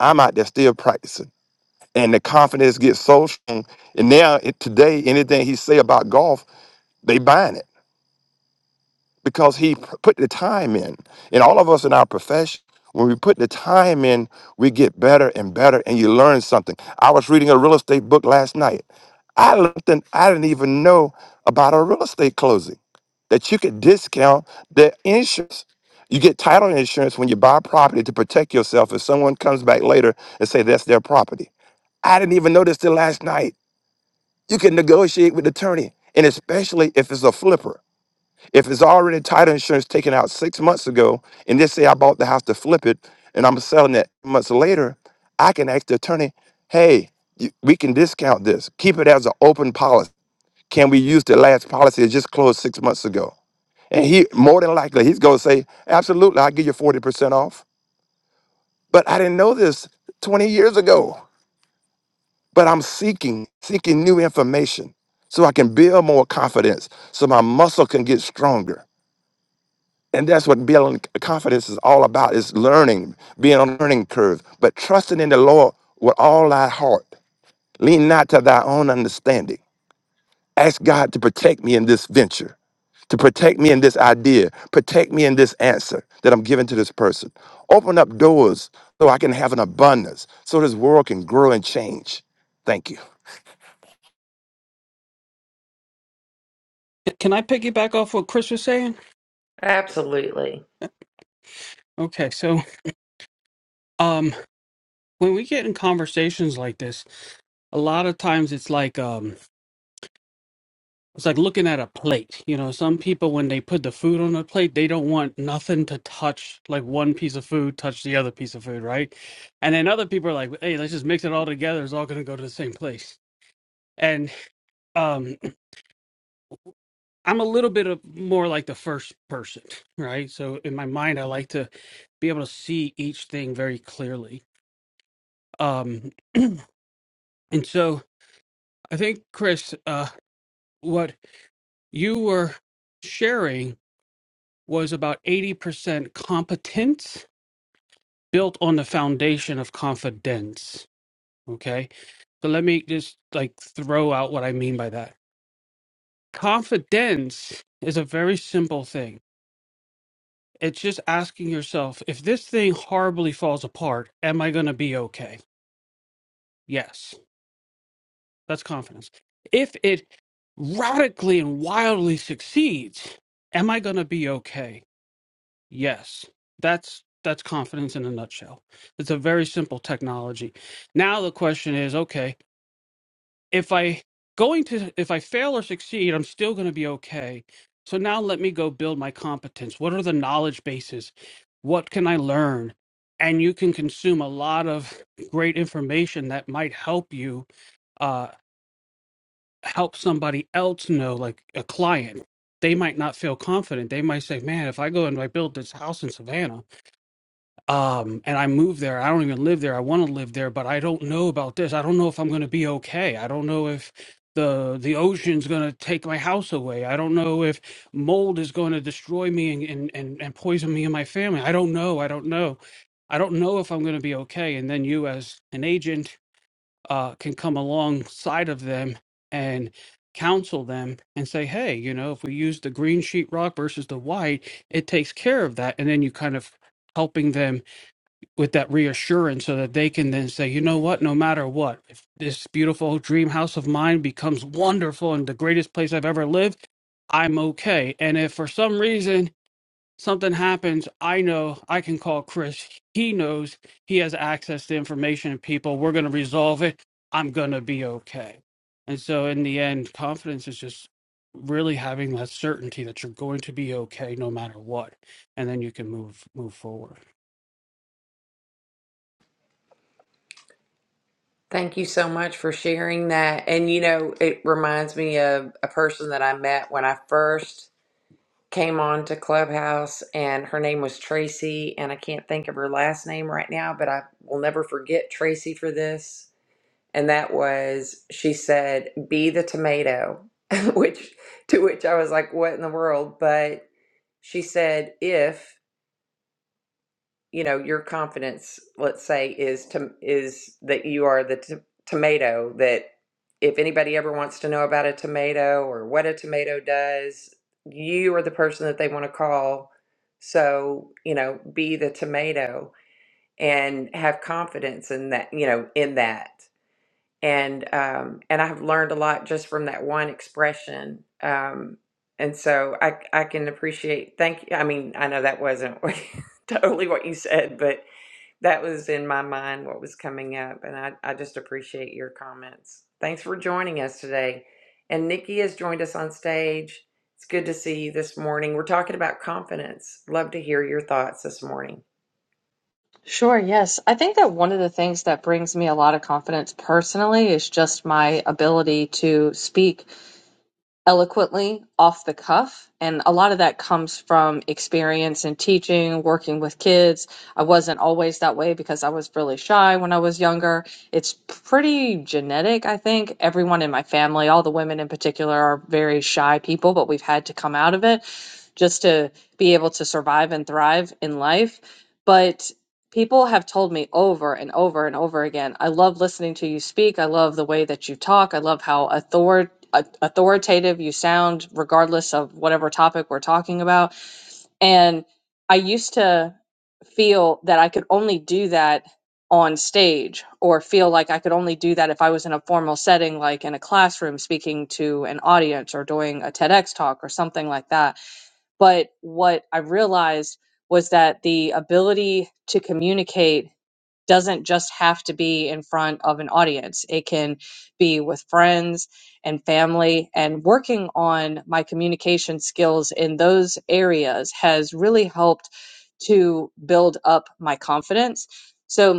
H: I'm out there still practicing. and the confidence gets so strong. And now it, today, anything he say about golf, they buying it because he p- put the time in. And all of us in our profession, when we put the time in, we get better and better, and you learn something. I was reading a real estate book last night. I learned that I didn't even know about a real estate closing that you could discount the insurance. You get title insurance when you buy property to protect yourself if someone comes back later and say that's their property. I didn't even know this till last night. You can negotiate with the attorney, and especially if it's a flipper. If it's already title insurance taken out six months ago, and just say I bought the house to flip it, and I'm selling it months later, I can ask the attorney, "Hey, you, we can discount this. Keep it as an open policy. Can we use the last policy that just closed six months ago?" And he more than likely he's gonna say, "Absolutely, I'll give you forty percent off." But I didn't know this twenty years ago. But I'm seeking seeking new information so I can build more confidence, so my muscle can get stronger And that's what building confidence is all about is learning, being on a learning curve, but trusting in the Lord with all thy heart. Lean not to thy own understanding. Ask God to protect me in this venture, to protect me in this idea, protect me in this answer that I'm giving to this person. Open up doors so I can have an abundance, so this world can grow and change. Thank you.
I: Can I piggyback off what Chris was saying?
D: Absolutely.
I: Okay, so um when we get in conversations like this, a lot of times it's like um it's like looking at a plate. You know, some people when they put the food on the plate, they don't want nothing to touch like one piece of food touch the other piece of food, right? And then other people are like, "Hey, let's just mix it all together. It's all going to go to the same place." And um I'm a little bit of more like the first person, right? So in my mind I like to be able to see each thing very clearly. Um And so I think, Chris, uh, what you were sharing was about 80% competence built on the foundation of confidence. Okay. So let me just like throw out what I mean by that. Confidence is a very simple thing. It's just asking yourself if this thing horribly falls apart, am I going to be okay? Yes. That's confidence. If it radically and wildly succeeds, am I going to be okay? Yes. That's that's confidence in a nutshell. It's a very simple technology. Now the question is, okay, if I going to if I fail or succeed, I'm still going to be okay. So now let me go build my competence. What are the knowledge bases? What can I learn? And you can consume a lot of great information that might help you uh, help somebody else know, like a client, they might not feel confident. They might say, "Man, if I go and I build this house in Savannah, um, and I move there, I don't even live there. I want to live there, but I don't know about this. I don't know if I'm going to be okay. I don't know if the the ocean's going to take my house away. I don't know if mold is going to destroy me and and and, and poison me and my family. I don't know. I don't know." I don't know if I'm going to be okay. And then you, as an agent uh, can come alongside of them and counsel them and say, hey, you know, if we use the green sheetrock versus the white, it takes care of that. And then you kind of helping them with that reassurance so that they can then say, you know what, no matter what, if this beautiful dream house of mine becomes wonderful and the greatest place I've ever lived, I'm okay. And if for some reason something happens, I know I can call Chris. He knows he has access to information and people. We're going to resolve it. I'm going to be okay. And so, in the end, confidence is just really having that certainty that you're going to be okay no matter what, and then you can move move forward.
D: Thank you so much for sharing that. And you know, it reminds me of a person that I met when I first came on to Clubhouse and her name was Tracy and I can't think of her last name right now, but I will never forget Tracy for this and that was she said, "Be the tomato," which to which I was like, "What in the world?" But she said, "If you know your confidence, let's say, is to is that you are the t- tomato that." If anybody ever wants to know about a tomato or what a tomato does, you are the person that they want to call. So, you know, be the tomato and have confidence in that, you know, in that and um, and I've learned a lot just from that one expression. Um, and so I I can appreciate. Thank you. I mean, I know that wasn't what- totally what you said, but that was in my mind what was coming up, and I I just appreciate your comments. Thanks for joining us today. And Nikki has joined us on stage. It's good to see you this morning. We're talking about confidence. Love to hear your thoughts this morning.
J: Sure, yes. I think that one of the things that brings me a lot of confidence personally is just my ability to speak eloquently off the cuff. And a lot of that comes from experience in teaching, working with kids. I wasn't always that way because I was really shy when I was younger. It's pretty genetic, I think. Everyone in my family, all the women in particular, are very shy people, but we've had to come out of it just to be able to survive and thrive in life. But people have told me over and over and over again, I love listening to you speak. I love the way that you talk. I love how author- au- authoritative you sound, regardless of whatever topic we're talking about. And I used to feel that I could only do that on stage or feel like I could only do that if I was in a formal setting like in a classroom speaking to an audience or doing a TEDx talk or something like that but what I realized was that the ability to communicate doesn't just have to be in front of an audience, it can be with friends and family. And working on my communication skills in those areas has really helped to build up my confidence. So,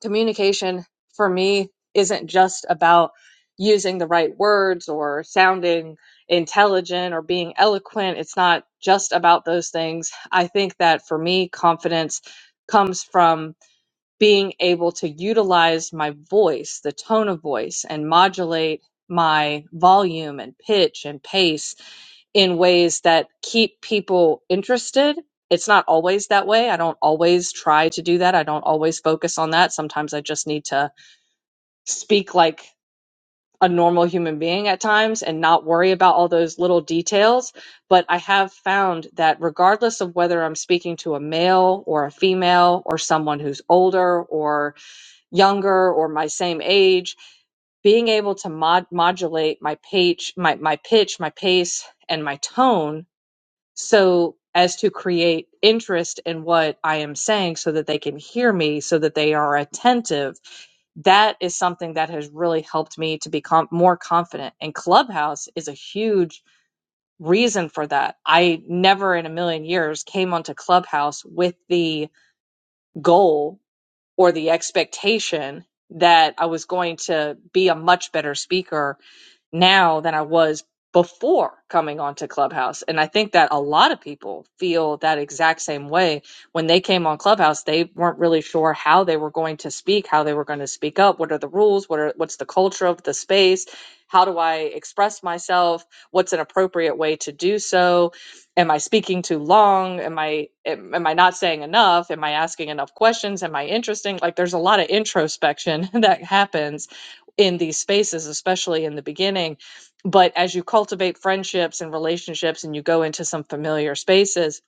J: communication for me isn't just about using the right words or sounding intelligent or being eloquent. It's not just about those things. I think that for me, confidence comes from being able to utilize my voice, the tone of voice, and modulate my volume and pitch and pace in ways that keep people interested. It's not always that way. I don't always try to do that. I don't always focus on that. Sometimes I just need to speak like a normal human being at times and not worry about all those little details. But I have found that regardless of whether I'm speaking to a male or a female or someone who's older or younger or my same age being able to mod- modulate my pitch, my my pitch, my pace, and my tone so as to create interest in what I am saying so that they can hear me, so that they are attentive. That is something that has really helped me to become more confident. And Clubhouse is a huge reason for that. I never in a million years came onto Clubhouse with the goal or the expectation that I was going to be a much better speaker now than I was before coming onto Clubhouse. And I think that a lot of people feel that exact same way. When they came on Clubhouse, they weren't really sure how they were going to speak, how they were going to speak up, what are the rules, what are what's the culture of the space, how do I express myself, what's an appropriate way to do so? Am I speaking too long? Am I am, am I not saying enough? Am I asking enough questions? Am I interesting? Like there's a lot of introspection that happens in these spaces, especially in the beginning. But as you cultivate friendships and relationships and you go into some familiar spaces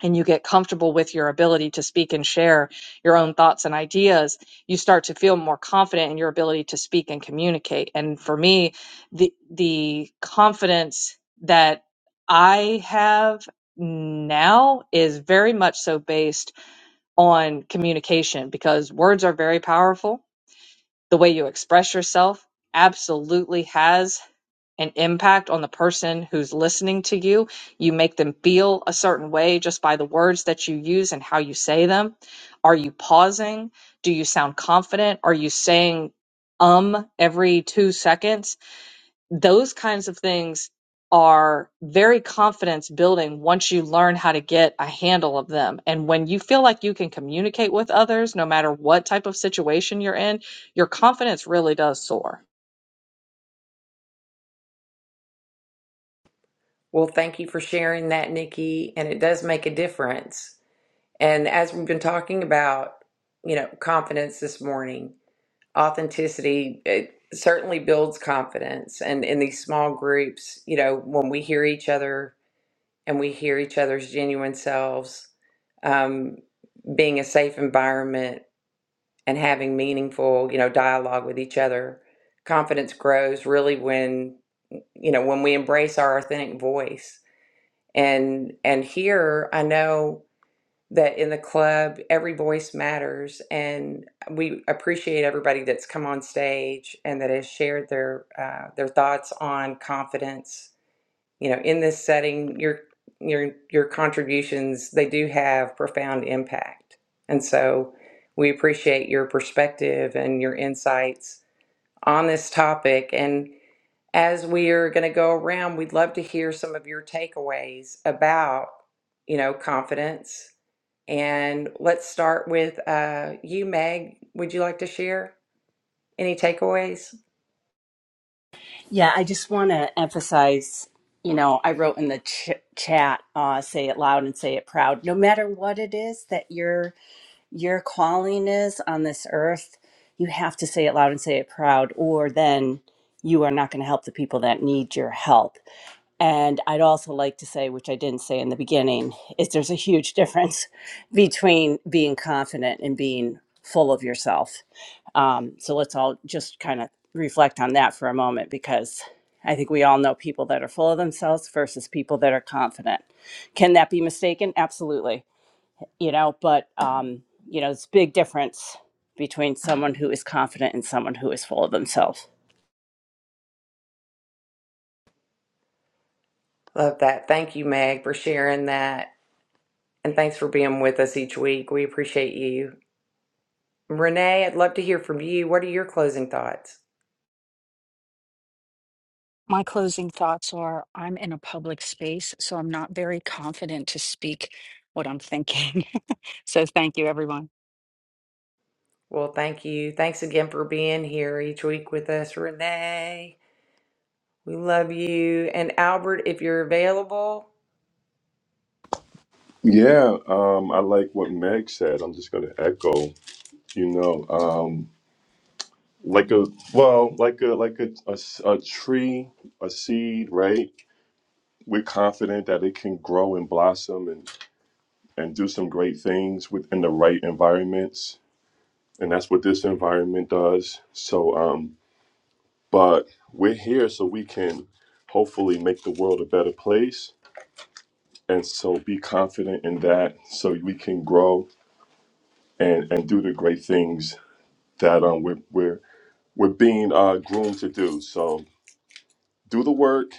J: and you get comfortable with your ability to speak and share your own thoughts and ideas, you start to feel more confident in your ability to speak and communicate. And for me, the the confidence that I have now is very much so based on communication because words are very powerful the way you express yourself absolutely has an impact on the person who's listening to you. You make them feel a certain way just by the words that you use and how you say them. Are you pausing? Do you sound confident? Are you saying um every two seconds? those kinds of things are very confidence building once you learn how to get a handle of them. And when you feel like you can communicate with others, no matter what type of situation you're in, your confidence really does soar.
D: Well, thank you for sharing that, Nikki. And it does make a difference And as we've been talking about, you know, confidence this morning, authenticity it certainly builds confidence. And in these small groups, you know, when we hear each other and we hear each other's genuine selves, um, being a safe environment and having meaningful, you know, dialogue with each other, confidence grows really when, you know, when we embrace our authentic voice. And and here I know that in the club every voice matters and we appreciate everybody that's come on stage and that has shared their uh, their thoughts on confidence you know in this setting your your your contributions they do have profound impact and so we appreciate your perspective and your insights on this topic And as we are going to go around, we'd love to hear some of your takeaways about, you know, confidence. And let's start with uh, you, Meg. Would you like to share any takeaways?
B: Yeah, I just want to emphasize, you know, I wrote in the ch- chat, uh, say it loud and say it proud. No matter what it is that your your calling is on this earth, you have to say it loud and say it proud, or then you are not going to help the people that need your help. And I'd also like to say, which I didn't say in the beginning, is there's a huge difference between being confident and being full of yourself. Um, so let's all just kind of reflect on that for a moment because I think we all know people that are full of themselves versus people that are confident. Can that be mistaken? Absolutely. You know, but, um, you know, it's a big difference between someone who is confident and someone who is full of themselves.
D: Love that. Thank you, Meg, for sharing that. And thanks for being with us each week. We appreciate you. Renee, I'd love to hear from you. What are your closing thoughts?
C: My closing thoughts are I'm in a public space, so I'm not very confident to speak what I'm thinking. so thank you, everyone.
D: Well, thank you. Thanks again for being here each week with us, Renee. We love you. And Albert, if you're available,
E: Yeah, um, I like what Meg said. I'm just going to echo. You know, um, like a well, like a like a, a s- a tree, a seed, right? we're confident that it can grow and blossom and, and do some great things within the right environments. And that's what this environment does. So, um, but we're here so we can hopefully make the world a better place. And so be confident in that so we can grow and, and do the great things that um, we're, we're, we're being uh, groomed to do. So do the work,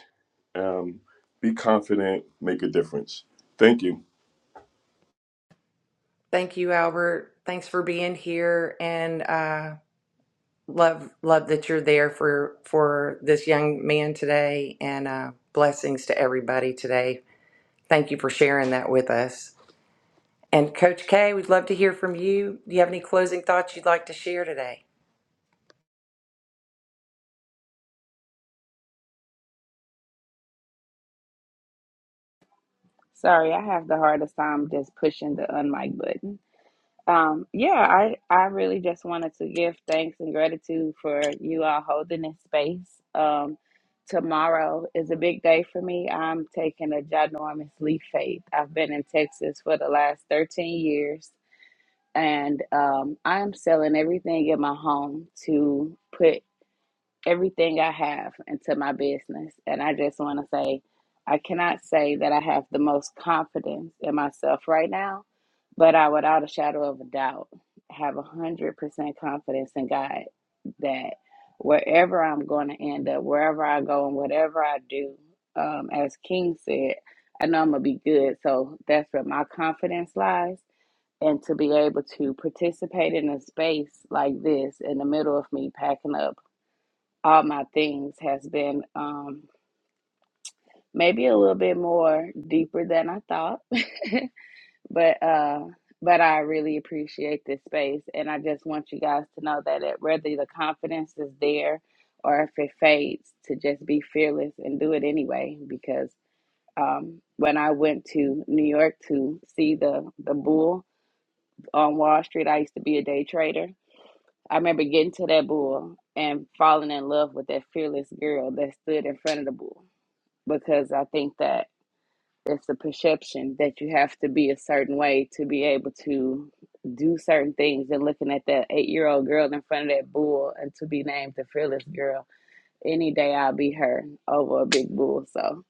E: um, be confident, make a difference. Thank you.
D: Thank you, Albert. Thanks for being here, and uh, love love that you're there for for this young man today, and uh, blessings to everybody today. Thank you for sharing that with us. And Coach K, we'd love to hear from you. Do you have any closing thoughts you'd like to share today?
G: Sorry, I have the hardest time just pushing the unmic button. Um, yeah, I, I really just wanted to give thanks and gratitude for you all holding this space. Um, tomorrow is a big day for me. I'm taking a ginormous leap faith. I've been in Texas for the last 13 years, and um, I am selling everything in my home to put everything I have into my business. And I just want to say, I cannot say that I have the most confidence in myself right now, but I, without a shadow of a doubt, have a 100% confidence in God that wherever I'm going to end up, wherever I go, and whatever I do, um, as King said, I know I'm going to be good. So that's where my confidence lies. And to be able to participate in a space like this in the middle of me packing up all my things has been um maybe a little bit more deeper than I thought. but uh but I really appreciate this space and I just want you guys to know that it, whether the confidence is there or if it fades to just be fearless and do it anyway because um when I went to New York to see the the bull on Wall Street, I used to be a day trader. I remember getting to that bull and falling in love with that fearless girl that stood in front of the bull because I think that it's the perception that you have to be a certain way to be able to do certain things. And looking at that eight year old girl in front of that bull and to be named the fearless girl, any day I'll be her over a big bull. So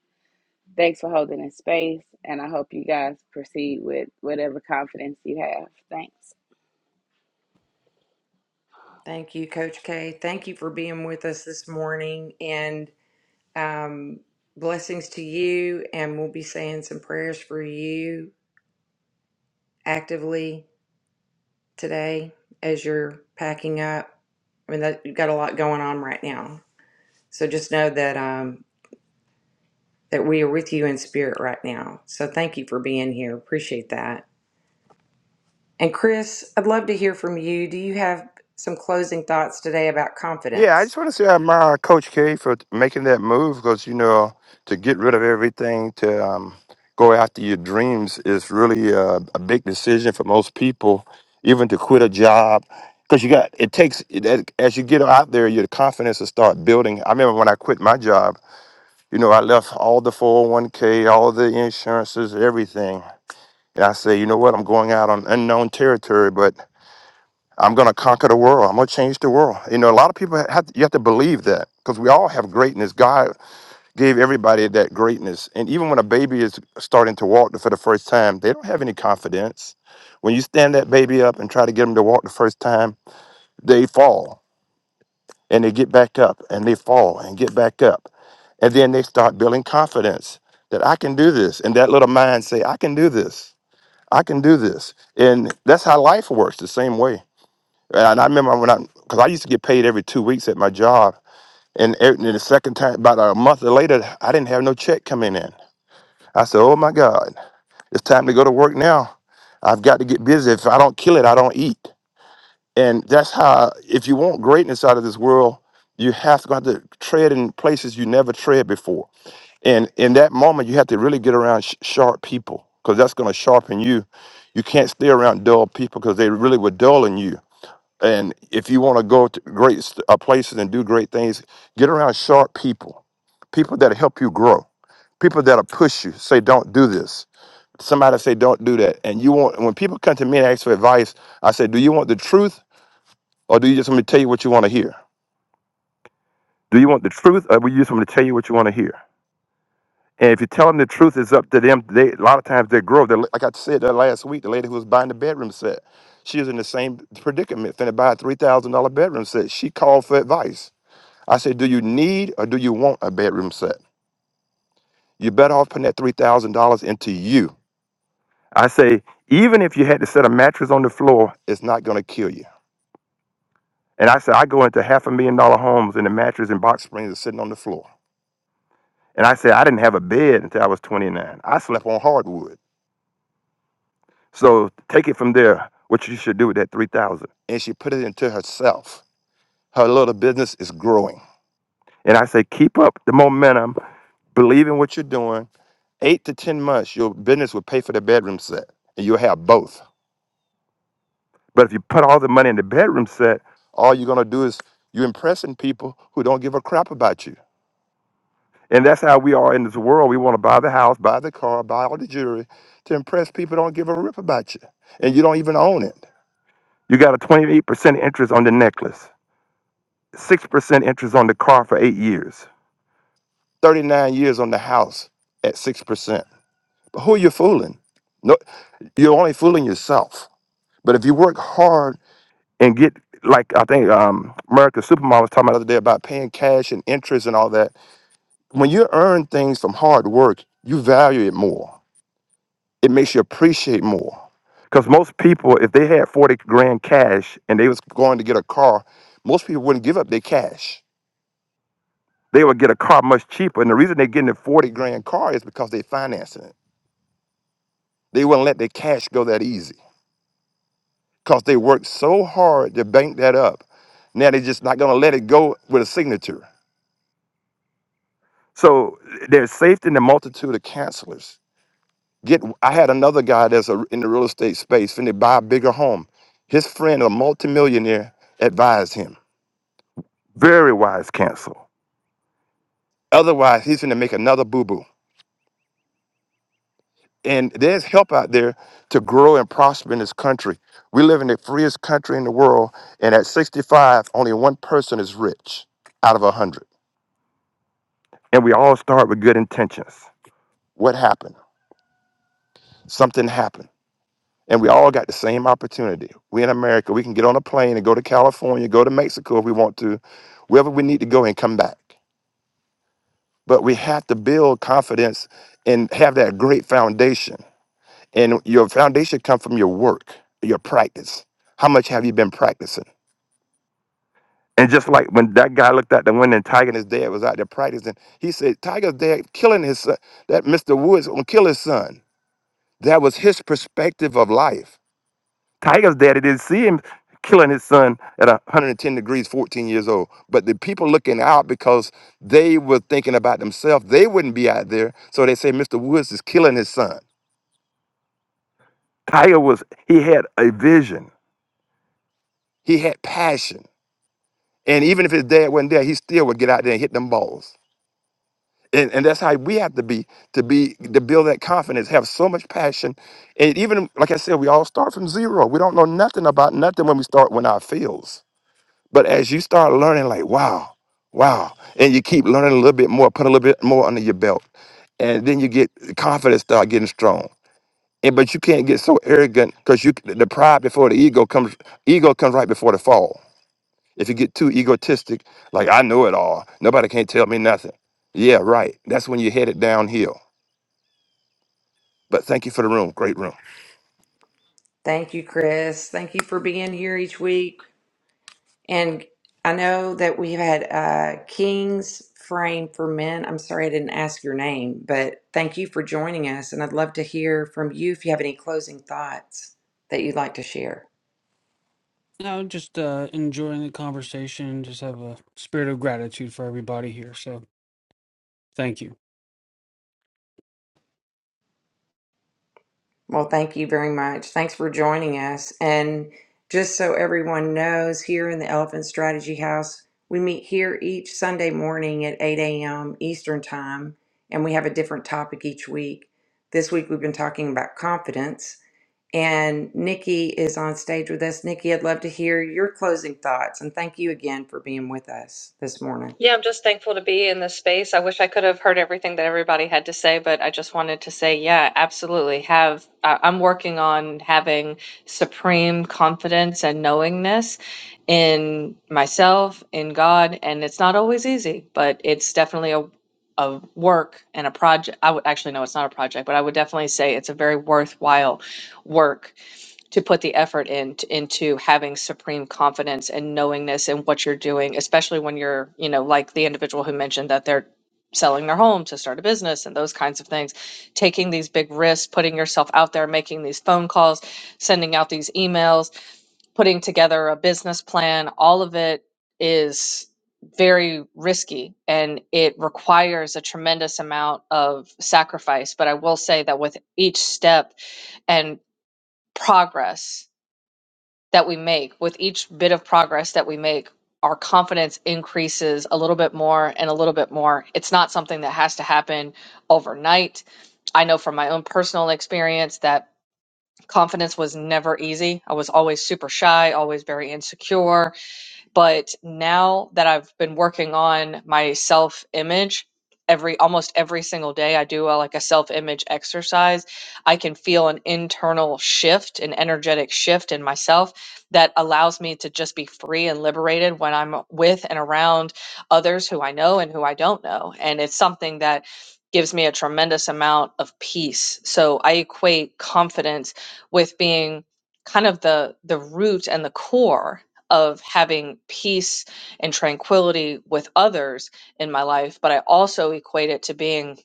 G: thanks for holding this space. And I hope you guys proceed with whatever confidence you have. Thanks.
D: Thank you, Coach K. Thank you for being with us this morning, and um, blessings to you. And we'll be saying some prayers for you actively today as you're packing up. I mean, that, you've got a lot going on right now. So just know that um, that we are with you in spirit right now. So thank you for being here. Appreciate that. And Chris, I'd love to hear from you. Do you have some closing thoughts today about
H: Yeah, I
D: confidence?
H: just want to say I admire Coach K for t- making that move because you know to get rid of everything to um, go after your dreams is really a, a big decision for most people, even to quit a job because you got it takes it- as as you get out there, your confidence will start building. I remember when I quit my job, you know, I left all the four hundred one k, all the insurances, everything, and I say, you know what, I'm going out on unknown territory, but I'm going to conquer the world. I'm going to change the world. You know, a lot of people have to, you have to believe that because we all have greatness. God gave everybody that greatness. And even when a baby is starting to walk for the first time, they don't have any confidence. When you stand that baby up and try to get them to walk the first time, they fall and they get back up and they fall and get back up. And then they start building confidence that I can do this. And that little mind say, I can do this. I can do this. And that's how life works the same way and I remember when I, because I used to get paid every two weeks at my job. And, e- and the second time, about a month later, I didn't have no check coming in. I said, oh my God, it's time to go to work now. I've got to get busy. If I don't kill it, I don't eat. And that's how, if you want greatness out of this world, you have to, have to tread in places you never tread before. And in that moment, you have to really get around sh- sharp people because that's going to sharpen you. You can't stay around dull people because they really were dulling you and if you want to go to great st- uh, places and do great things, get around sharp people, people that help you grow, people that'll push you, say, don't do this. Somebody say, don't do that. And you want, when people come to me and ask for advice, I say, do you want the truth or do you just want me to tell you what you want to hear? Do you want the truth or do you just want me to tell you what you want to hear? And if you tell them the truth, it's up to them. They, a lot of times they grow. they like I said that last week, the lady who was buying the bedroom set, she was in the same predicament, finna buy a $3,000 bedroom set. She called for advice I said, do you need or do you want a bedroom set? You're better off putting that $3,000 into you. I say, even if you had to set a mattress on the floor, it's not going to kill you. And I said, I go into half a million dollar homes and the mattress and box springs are sitting on the floor. And I said, I didn't have a bed until I was 29. I slept on hardwood. So take it from there, what you should do with that 3000 And she put it into herself. Her little business is growing. And I say, keep up the momentum, believe in what you're doing, Eight to 10 months, your business will pay for the bedroom set and you'll have both. But if you put all the money in the bedroom set, all you're going to do is you're impressing people who don't give a crap about you. And that's how we are in this world. We want to buy the house, buy the car, buy all the jewelry to impress people who don't give a rip about you. And you don't even own it. You got a 28% interest on the necklace, 6% interest on the car for eight years, 39 years on the house at 6%. But who are you fooling? No, you're only fooling yourself. But if you work hard and get like I think um America Supermom was talking about the other day about paying cash and interest and all that. When you earn things from hard work, you value it more. It makes you appreciate more. Because most people, if they had 40 grand cash and they was going to get a car, most people wouldn't give up their cash. They would get a car much cheaper. And the reason they're getting a 40 grand car is because they're financing it. They wouldn't let their cash go that easy. because they worked so hard to bank that up. Now they're just not going to let it go with a signature. So there's safety in the multitude of counselors. Get, I had another guy that's a, in the real estate space, finna buy a bigger home. His friend, a multimillionaire, advised him. Very wise counsel. Otherwise, he's finna make another boo boo. And there's help out there to grow and prosper in this country. We live in the freest country in the world, and at 65, only one person is rich out of a 100. and we all start with good intentions. What happened? Something happened. And we all got the same opportunity. We in America, we can get on a plane and go to California, go to Mexico if we want to, wherever we need to go and come back. But we have to build confidence and have that great foundation. And your foundation comes from your work, your practice. How much have you been practicing? And just like when that guy looked out the window and Tiger and his dad was out there practicing, he said, Tiger's dad killing his son. That Mr. Woods gonna kill his son. That was his perspective of life. Tiger's daddy didn't see him killing his son at 110 degrees, 14 years old. But the people looking out because they were thinking about themselves, they wouldn't be out there. So they say Mr. Woods is killing his son. Tiger was, he had a vision. He had passion. And even if his dad wasn't there, he still would get out there and hit them balls. and, and that's how we have to be to be to build that confidence have so much passion and even like i said we all start from zero we don't know nothing about nothing when we start when our fields but as you start learning like wow wow and you keep learning a little bit more put a little bit more under your belt and then you get confidence start getting strong and but you can't get so arrogant because you the pride before the ego comes ego comes right before the fall if you get too egotistic, like I know it all, nobody can't tell me nothing. Yeah, right. That's when you're headed downhill. But thank you for the room. Great room.
D: Thank you, Chris. Thank you for being here each week. And I know that we've had uh, King's Frame for Men. I'm sorry I didn't ask your name, but thank you for joining us. And I'd love to hear from you if you have any closing thoughts that you'd like to share.
I: Now, just uh, enjoying the conversation. Just have a spirit of gratitude for everybody here. So, thank you.
D: Well, thank you very much. Thanks for joining us. And just so everyone knows, here in the Elephant Strategy House, we meet here each Sunday morning at 8 a.m. Eastern Time, and we have a different topic each week. This week, we've been talking about confidence, and Nikki is on stage with us. Nikki, I'd love to hear your closing thoughts, and thank you again for being with us this morning.
J: Yeah, I'm just thankful to be in this space. I wish I could have heard everything that everybody had to say, but I just wanted to say, yeah, absolutely. Have I I'm working on having supreme confidence and knowingness in myself, in God, and it's not always easy, but it's definitely a a work and a project. I would actually no, it's not a project, but I would definitely say it's a very worthwhile work to put the effort in into having supreme confidence and knowingness in what you're doing, especially when you're, you know, like the individual who mentioned that they're selling their home to start a business and those kinds of things, taking these big risks, putting yourself out there, making these phone calls, sending out these emails, putting together a business plan, all of it is very risky and it requires a tremendous amount of sacrifice. But I will say that with each step and progress that we make, with each bit of progress that we make, our confidence increases a little bit more and a little bit more. It's not something that has to happen overnight. I know from my own personal experience that confidence was never easy. I was always super shy, always very insecure but now that I've been working on my self image, every almost every single day I do a, like a self image exercise, I can feel an internal shift, an energetic shift in myself that allows me to just be free and liberated when I'm with and around others who I know and who I don't know. And it's something that gives me a tremendous amount of peace. So I equate confidence with being kind of the the root and the core of having peace and tranquility with others in my life, but I also equate it to being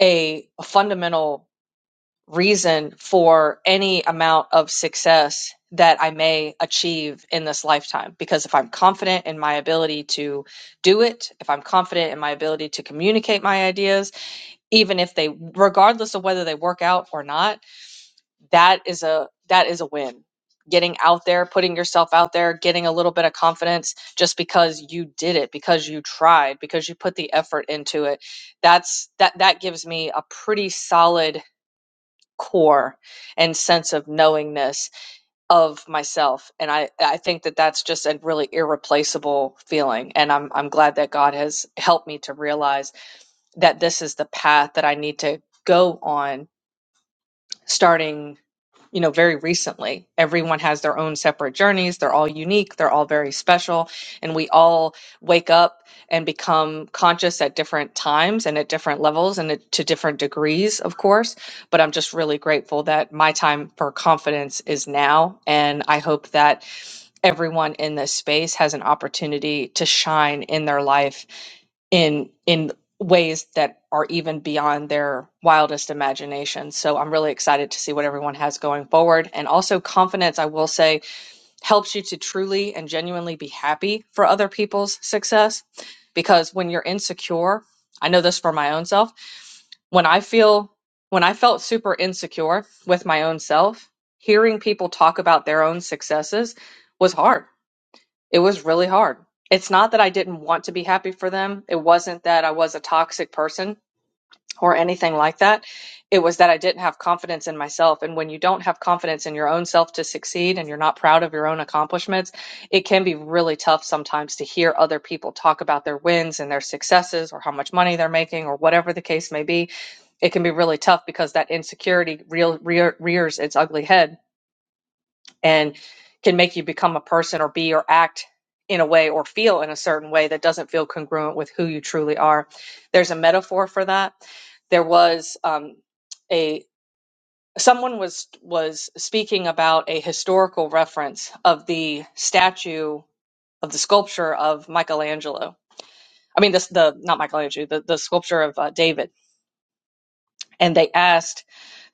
J: a, a fundamental reason for any amount of success that I may achieve in this lifetime. Because if I'm confident in my ability to do it, if I'm confident in my ability to communicate my ideas, even if they, regardless of whether they work out or not, that is a that is a win getting out there putting yourself out there getting a little bit of confidence just because you did it because you tried because you put the effort into it that's that that gives me a pretty solid core and sense of knowingness of myself and i i think that that's just a really irreplaceable feeling and i'm i'm glad that god has helped me to realize that this is the path that i need to go on starting you know, very recently. Everyone has their own separate journeys. They're all unique. They're all very special. And we all wake up and become conscious at different times and at different levels and at, to different degrees, of course. But I'm just really grateful that my time for confidence is now. And I hope that everyone in this space has an opportunity to shine in their life in in ways that are even beyond their wildest imagination. So I'm really excited to see what everyone has going forward. And also confidence, I will say, helps you to truly and genuinely be happy for other people's success because when you're insecure, I know this for my own self, when I feel when I felt super insecure with my own self, hearing people talk about their own successes was hard it was really hard. It's not that I didn't want to be happy for them. It wasn't that I was a toxic person or anything like that. It was that I didn't have confidence in myself. And when you don't have confidence in your own self to succeed and you're not proud of your own accomplishments, it can be really tough sometimes to hear other people talk about their wins and their successes or how much money they're making or whatever the case may be. It can be really tough because that insecurity real, rear, rears its ugly head and can make you become a person or be or act in a way or feel in a certain way that doesn't feel congruent with who you truly are. There's a metaphor for that. There was um, a someone was was speaking about a historical reference of the statue of the sculpture of Michelangelo. I mean, this the not Michelangelo, the, the sculpture of uh, David. And they asked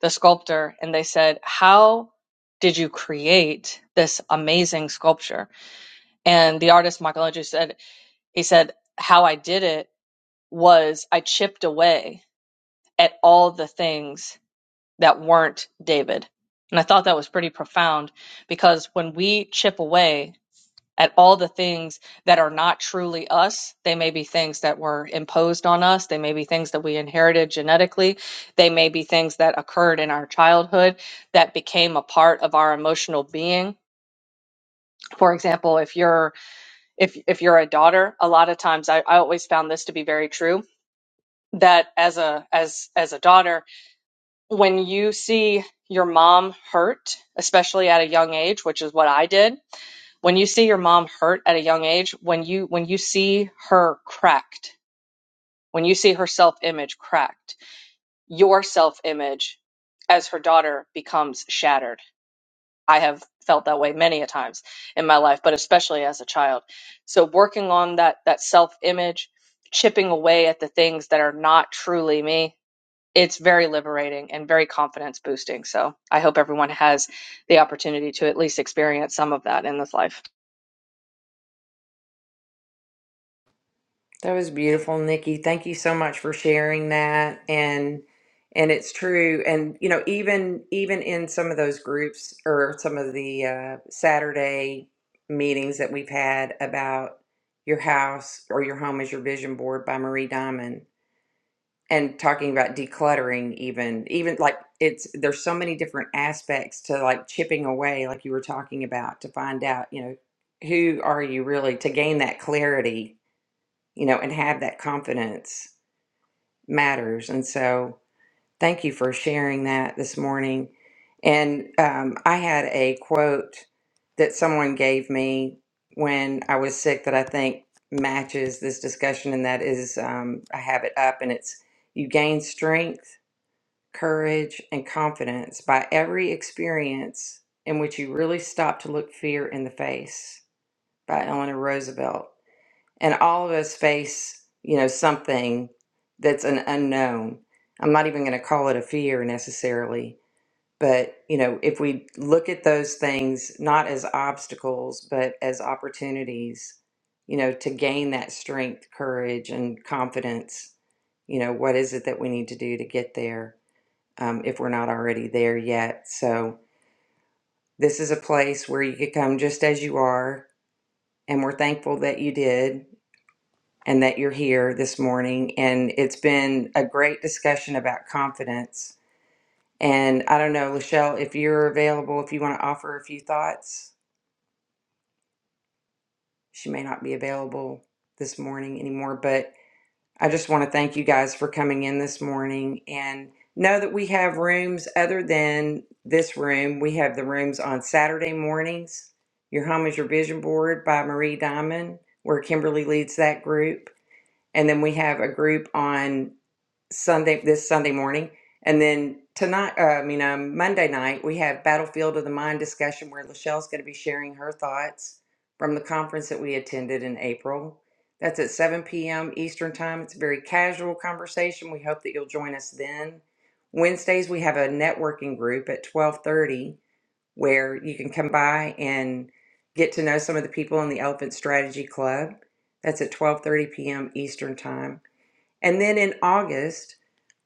J: the sculptor, and they said, "How did you create this amazing sculpture?" And the artist Michelangelo said, he said, how I did it was I chipped away at all the things that weren't David. And I thought that was pretty profound because when we chip away at all the things that are not truly us, they may be things that were imposed on us, they may be things that we inherited genetically, they may be things that occurred in our childhood that became a part of our emotional being. For example, if you're if if you're a daughter a lot of times I, I always found this to be very true that as a as as a daughter when you see your mom hurt especially at a young age which is what i did when you see your mom hurt at a young age when you when you see her cracked when you see her self image cracked your self image as her daughter becomes shattered I have felt that way many a times in my life, but especially as a child. So working on that that self-image, chipping away at the things that are not truly me, it's very liberating and very confidence boosting. So I hope everyone has the opportunity to at least experience some of that in this life.
D: That was beautiful, Nikki. Thank you so much for sharing that. And and it's true. And you know, even even in some of those groups or some of the uh, Saturday meetings that we've had about your house or your home as your vision board by Marie Diamond and talking about decluttering even even like it's there's so many different aspects to like chipping away like you were talking about to find out you know who are you really to gain that clarity you know, and have that confidence matters. And so, thank you for sharing that this morning. And um, I had a quote that someone gave me when I was sick that I think matches this discussion, and that is um, I have it up, and it's you gain strength, courage, and confidence by every experience in which you really stop to look fear in the face by Eleanor Roosevelt and all of us face you know something that's an unknown i'm not even going to call it a fear necessarily but you know if we look at those things not as obstacles but as opportunities you know to gain that strength courage and confidence you know what is it that we need to do to get there um, if we're not already there yet so this is a place where you could come just as you are and we're thankful that you did and that you're here this morning. And it's been a great discussion about confidence. And I don't know, Lachelle, if you're available, if you want to offer a few thoughts, she may not be available this morning anymore, but I just want to thank you guys for coming in this morning and know that we have rooms other than this room. We have the rooms on Saturday mornings. Your Home is Your Vision Board by Marie Diamond, where Kimberly leads that group. And then we have a group on Sunday this Sunday morning, and then tonight. Uh, I mean, um, Monday night we have Battlefield of the Mind discussion where Lachelle's going to be sharing her thoughts from the conference that we attended in April. That's at 7 p.m. Eastern Time. It's a very casual conversation. We hope that you'll join us then. Wednesdays we have a networking group at 12:30 where you can come by and get to know some of the people in the Elephant Strategy Club. That's at 12:30 p.m. Eastern Time. And then in August,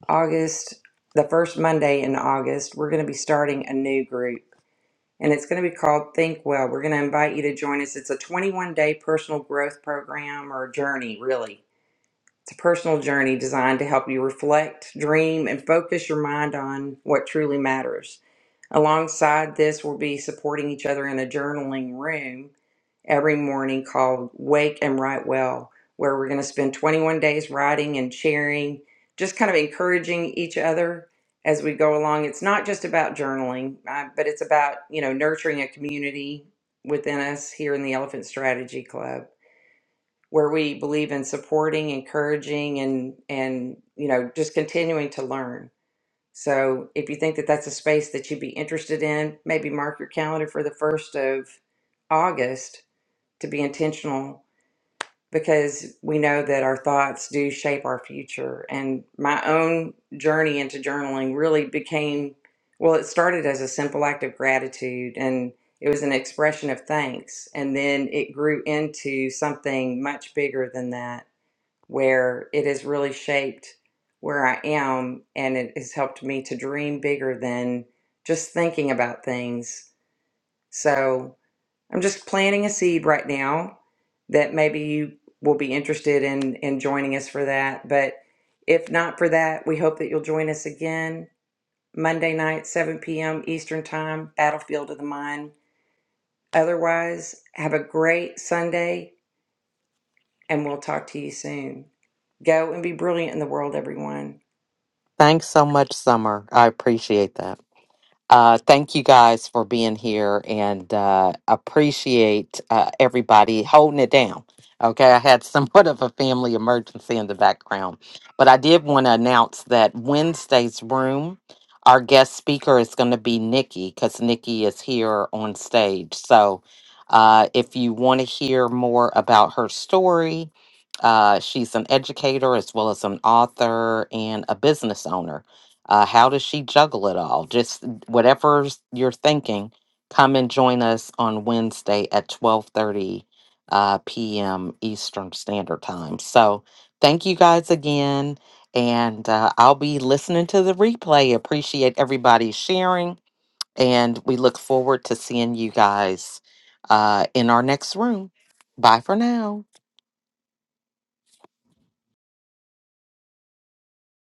D: August, the first Monday in August, we're going to be starting a new group and it's going to be called Think Well. We're going to invite you to join us. It's a 21 day personal growth program or journey, really. It's a personal journey designed to help you reflect, dream, and focus your mind on what truly matters. Alongside this, we'll be supporting each other in a journaling room every morning called Wake and Write Well, where we're going to spend 21 days writing and sharing, just kind of encouraging each other as we go along. It's not just about journaling, uh, but it's about, you know, nurturing a community within us here in the Elephant Strategy Club where we believe in supporting, encouraging and and you know, just continuing to learn. So, if you think that that's a space that you'd be interested in, maybe mark your calendar for the 1st of August to be intentional because we know that our thoughts do shape our future. And my own journey into journaling really became well, it started as a simple act of gratitude and it was an expression of thanks. And then it grew into something much bigger than that, where it has really shaped where I am and it has helped me to dream bigger than just thinking about things. So, I'm just planting a seed right now that maybe you will be interested in in joining us for that. But if not for that, we hope that you'll join us again Monday night, 7 p.m. Eastern Time, Battlefield of the Mind. Otherwise, have a great Sunday and we'll talk to you soon. Go and be brilliant in the world, everyone.
A: Thanks so much, Summer. I appreciate that. Uh, thank you guys for being here and uh, appreciate uh, everybody holding it down. Okay, I had somewhat of a family emergency in the background, but I did want to announce that Wednesday's room, our guest speaker is going to be Nikki because Nikki is here on stage. So uh, if you want to hear more about her story, uh, she's an educator as well as an author and a business owner. Uh, how does she juggle it all? Just whatever's you're thinking, come and join us on Wednesday at 12:30 uh, p.m. Eastern Standard Time. So, thank you guys again, and uh, I'll be listening to the replay. Appreciate everybody sharing, and we look forward to seeing you guys uh, in our next room. Bye for now.